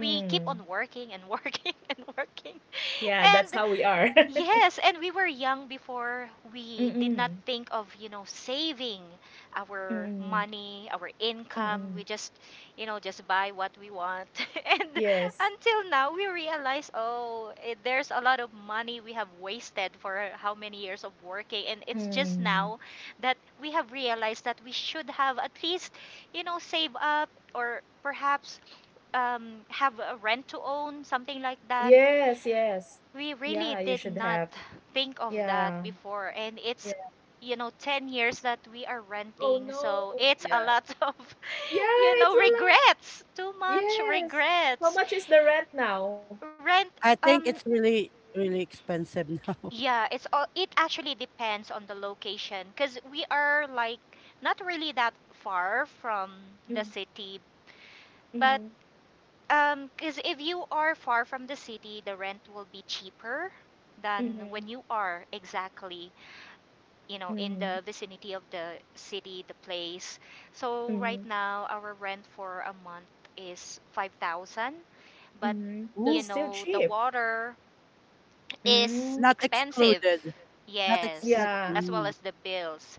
[SPEAKER 3] We keep on working and working <laughs> and working.
[SPEAKER 2] Yeah,
[SPEAKER 3] And
[SPEAKER 2] that's how we are.
[SPEAKER 3] yes, and we were young before
[SPEAKER 2] <laughs>
[SPEAKER 3] we did not
[SPEAKER 2] Mm-mm.
[SPEAKER 3] think of, you know, saving our
[SPEAKER 2] Mm,
[SPEAKER 3] money, our income. We
[SPEAKER 2] mm.
[SPEAKER 3] just, you know, just buy what we want. <laughs> And
[SPEAKER 2] Yes.
[SPEAKER 3] until now, we realize, oh, eh, there's a lot of money we have wasted for how many years of working. And it's just
[SPEAKER 2] Mm.
[SPEAKER 3] now that we have realized that we should have at least, you know, save up or perhaps have a rent to own, something like that.
[SPEAKER 2] Yes, yes.
[SPEAKER 3] We really
[SPEAKER 2] Yeah, you
[SPEAKER 3] did
[SPEAKER 2] should
[SPEAKER 3] not
[SPEAKER 2] have.
[SPEAKER 3] think of that
[SPEAKER 2] Yeah,
[SPEAKER 3] before, and
[SPEAKER 2] yeah.
[SPEAKER 3] it's, you know, 10 years that we are
[SPEAKER 2] Oh
[SPEAKER 3] renting,
[SPEAKER 2] no.
[SPEAKER 3] so it's a
[SPEAKER 2] Yeah.
[SPEAKER 3] lot <laughs> of,
[SPEAKER 2] Yeah,
[SPEAKER 3] you
[SPEAKER 2] it's
[SPEAKER 3] know,
[SPEAKER 2] a lot.
[SPEAKER 3] regrets, too much
[SPEAKER 2] Yes. How
[SPEAKER 3] regrets.
[SPEAKER 2] much is the rent now?
[SPEAKER 3] Rent,
[SPEAKER 1] I think
[SPEAKER 3] um
[SPEAKER 1] it's really, really expensive now.
[SPEAKER 3] yeah, it's all, it actually depends on the location because we are like not really that far from the
[SPEAKER 2] Mm,
[SPEAKER 3] city, but
[SPEAKER 2] mm-hmm,
[SPEAKER 3] because if you are far from the city the rent will be cheaper than
[SPEAKER 2] mm-hmm,
[SPEAKER 3] when you are exactly, you know, in
[SPEAKER 2] mm-hmm,
[SPEAKER 3] the vicinity of the city, the place. So right
[SPEAKER 2] mm-hmm,
[SPEAKER 3] now, our rent for a month is 5,000, but
[SPEAKER 2] mm-hmm.
[SPEAKER 1] <laughs>
[SPEAKER 3] you
[SPEAKER 2] That's
[SPEAKER 1] Ooh,
[SPEAKER 2] still
[SPEAKER 3] know, the
[SPEAKER 2] cheap.
[SPEAKER 3] water is
[SPEAKER 2] Mm.
[SPEAKER 1] not
[SPEAKER 3] expensive.
[SPEAKER 1] excluded. Not ex
[SPEAKER 3] Yes,
[SPEAKER 1] not,
[SPEAKER 2] Yeah,
[SPEAKER 3] as well
[SPEAKER 1] mm,
[SPEAKER 3] as the bills.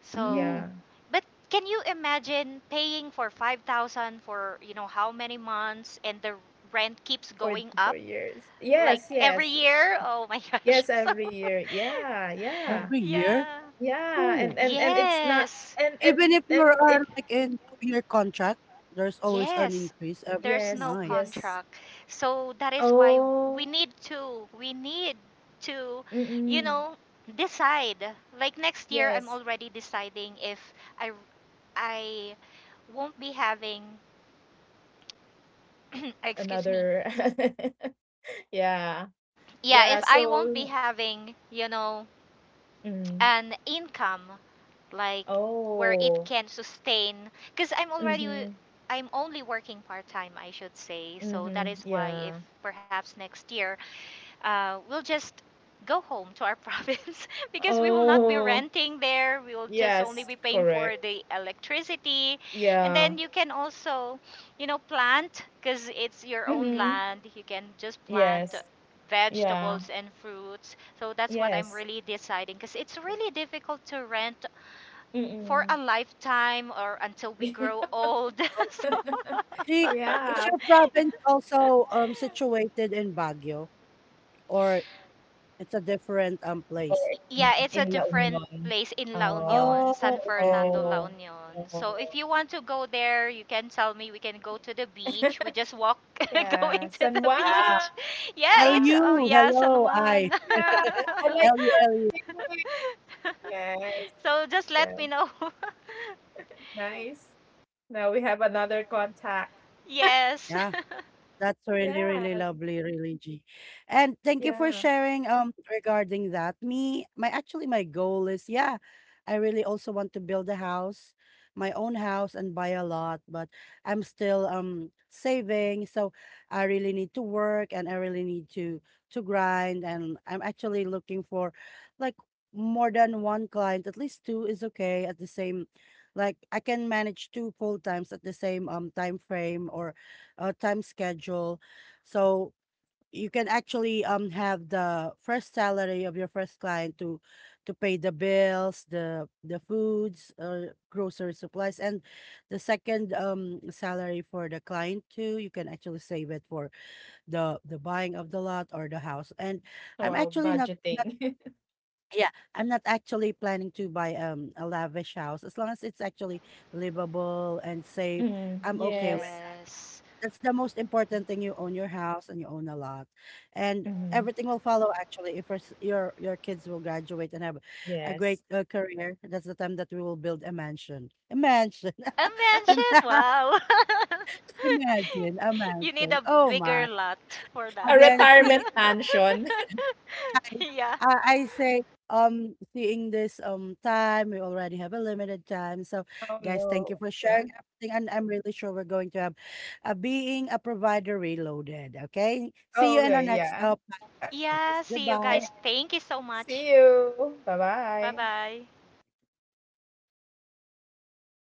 [SPEAKER 3] So,
[SPEAKER 1] mm,
[SPEAKER 2] yeah.
[SPEAKER 3] but can you imagine paying for 5,000 for, you know, how many months and the rent keeps going
[SPEAKER 2] For
[SPEAKER 3] up
[SPEAKER 2] years.
[SPEAKER 3] like
[SPEAKER 2] Yes,
[SPEAKER 3] every
[SPEAKER 2] yes.
[SPEAKER 3] year? Oh my <laughs> gosh.
[SPEAKER 2] Yes,
[SPEAKER 3] So,
[SPEAKER 2] every year. Yeah, yeah.
[SPEAKER 1] every
[SPEAKER 3] <laughs>
[SPEAKER 1] year.
[SPEAKER 3] yeah.
[SPEAKER 2] Yeah.
[SPEAKER 1] Ooh.
[SPEAKER 2] And it's not
[SPEAKER 3] Yes,
[SPEAKER 2] and
[SPEAKER 1] Even if you
[SPEAKER 2] and
[SPEAKER 1] are
[SPEAKER 2] it's
[SPEAKER 1] like in two-year contract, there's always an
[SPEAKER 3] yes.
[SPEAKER 1] increase every
[SPEAKER 3] There's no
[SPEAKER 2] Yes,
[SPEAKER 1] my.
[SPEAKER 2] yes.
[SPEAKER 3] contract. So that is why we
[SPEAKER 2] Oh,
[SPEAKER 3] need to, we need to, you
[SPEAKER 2] mm-mm.
[SPEAKER 3] know, decide. Like next year, I'm
[SPEAKER 2] Yes,
[SPEAKER 3] already deciding if I, I won't be having, <clears throat> excuse me.
[SPEAKER 2] another. <laughs> Yeah,
[SPEAKER 3] Yeah,
[SPEAKER 2] yeah.
[SPEAKER 3] if I won't be
[SPEAKER 2] So,
[SPEAKER 3] having, you know,
[SPEAKER 2] mm.
[SPEAKER 3] an income like where it
[SPEAKER 2] Oh,
[SPEAKER 3] can sustain because I'm already,
[SPEAKER 2] mm-hmm,
[SPEAKER 3] I'm only working part-time I should say, so that
[SPEAKER 2] mm-hmm.
[SPEAKER 3] is why if
[SPEAKER 2] Yeah.
[SPEAKER 3] perhaps next year we'll just go home to our <laughs> province, because we will not be
[SPEAKER 2] Oh,
[SPEAKER 3] renting there, we will just only
[SPEAKER 2] yes,
[SPEAKER 3] be paying for
[SPEAKER 2] correct.
[SPEAKER 3] the electricity, and
[SPEAKER 2] Yeah.
[SPEAKER 3] then you can also, you know, plant because it's your own
[SPEAKER 2] Mm-hmm.
[SPEAKER 3] land, you can just plant
[SPEAKER 2] Yes. Yeah.
[SPEAKER 3] vegetables and fruits. So that's what I'm
[SPEAKER 2] Yes.
[SPEAKER 3] really deciding, because it's really difficult to rent for a
[SPEAKER 2] Mm-mm.
[SPEAKER 3] lifetime or until we grow old. <laughs> So,
[SPEAKER 2] <laughs>
[SPEAKER 1] G, is
[SPEAKER 2] Yeah.
[SPEAKER 1] your province also, situated in Baguio, or it's a different,
[SPEAKER 2] Or
[SPEAKER 1] place?
[SPEAKER 3] Y- yeah, it's a
[SPEAKER 2] in La
[SPEAKER 3] different
[SPEAKER 2] Union.
[SPEAKER 3] place in La
[SPEAKER 2] Oh,
[SPEAKER 3] Union,
[SPEAKER 1] Oh,
[SPEAKER 3] San
[SPEAKER 1] okay.
[SPEAKER 3] Fernando, La
[SPEAKER 2] oh,
[SPEAKER 3] Union. So if
[SPEAKER 2] oh.
[SPEAKER 3] you want to go there, you can tell me. We can go to the beach.
[SPEAKER 2] <laughs>
[SPEAKER 3] We just walk <laughs>
[SPEAKER 2] Yeah,
[SPEAKER 3] going to
[SPEAKER 2] San
[SPEAKER 3] the
[SPEAKER 1] Yeah.
[SPEAKER 2] Juan.
[SPEAKER 3] beach. <laughs> Yeah,
[SPEAKER 2] Yeah,
[SPEAKER 3] it's oh
[SPEAKER 1] LU,
[SPEAKER 3] yeah, San
[SPEAKER 1] hello, I.
[SPEAKER 3] Juan.
[SPEAKER 2] yeah, I like
[SPEAKER 1] LU, LU.
[SPEAKER 2] surfing. Yes,
[SPEAKER 3] <laughs> So just
[SPEAKER 2] yeah,
[SPEAKER 3] let me know. <laughs>
[SPEAKER 2] nice. Now we have another contact.
[SPEAKER 3] Yes. <laughs>
[SPEAKER 1] Yeah. That's really,
[SPEAKER 2] Yeah,
[SPEAKER 1] really lovely, really, G. And thank you for
[SPEAKER 2] yeah.
[SPEAKER 1] sharing regarding that. Me, my actually my goal is, yeah, I really also want to build a house, my own house and buy a lot, but I'm still saving, so I really need to work, and I really need to grind. And I'm actually looking for like more than one client, at least two is okay at the same, like I can manage two full times at the same time frame or time schedule. So you can actually have the first salary of your first client to pay the bills, the foods, grocery supplies, and the second salary for the client too, you can actually save it for the buying of the lot or the house. And I'm
[SPEAKER 2] Wow,
[SPEAKER 1] actually not not
[SPEAKER 2] budgeting. <laughs>
[SPEAKER 1] yeah, I'm not actually planning to buy a lavish house, as long as it's actually livable and safe.
[SPEAKER 2] Mm,
[SPEAKER 1] I'm okay with,
[SPEAKER 2] yes.
[SPEAKER 3] Yes.
[SPEAKER 1] that's the most important thing. You own your house and you own a lot, and
[SPEAKER 2] Hmm.
[SPEAKER 1] everything will follow. Actually, if your your kids will graduate and have a great
[SPEAKER 2] Yes.
[SPEAKER 1] career, that's the time that we will build a mansion. A mansion.
[SPEAKER 3] A
[SPEAKER 1] <laughs> Ima-
[SPEAKER 3] mansion?
[SPEAKER 1] <laughs>
[SPEAKER 3] Wow.
[SPEAKER 1] Imagine a
[SPEAKER 3] <laughs> You need
[SPEAKER 1] mansion.
[SPEAKER 3] a
[SPEAKER 1] Oh
[SPEAKER 3] bigger
[SPEAKER 1] my!
[SPEAKER 3] lot for
[SPEAKER 2] A
[SPEAKER 3] that.
[SPEAKER 1] Again, see.
[SPEAKER 2] retirement mansion.
[SPEAKER 1] I
[SPEAKER 3] <laughs> Yeah.
[SPEAKER 1] I say, seeing this time, we already have a limited time. So,
[SPEAKER 2] <laughs> Oh
[SPEAKER 1] guys, thank
[SPEAKER 2] no.
[SPEAKER 1] you for
[SPEAKER 2] Yeah.
[SPEAKER 1] sharing everything, and I'm really sure we're going to have a being a provider reloaded. Okay, see
[SPEAKER 2] Oh
[SPEAKER 1] you in
[SPEAKER 2] yeah,
[SPEAKER 1] our next
[SPEAKER 2] yeah.
[SPEAKER 1] podcast,
[SPEAKER 3] Yeah,
[SPEAKER 1] guys.
[SPEAKER 3] see you
[SPEAKER 2] Okay.
[SPEAKER 3] guys.
[SPEAKER 1] Goodbye.
[SPEAKER 3] Thank you so much.
[SPEAKER 2] See you. Bye
[SPEAKER 3] Bye
[SPEAKER 2] bye.
[SPEAKER 3] bye.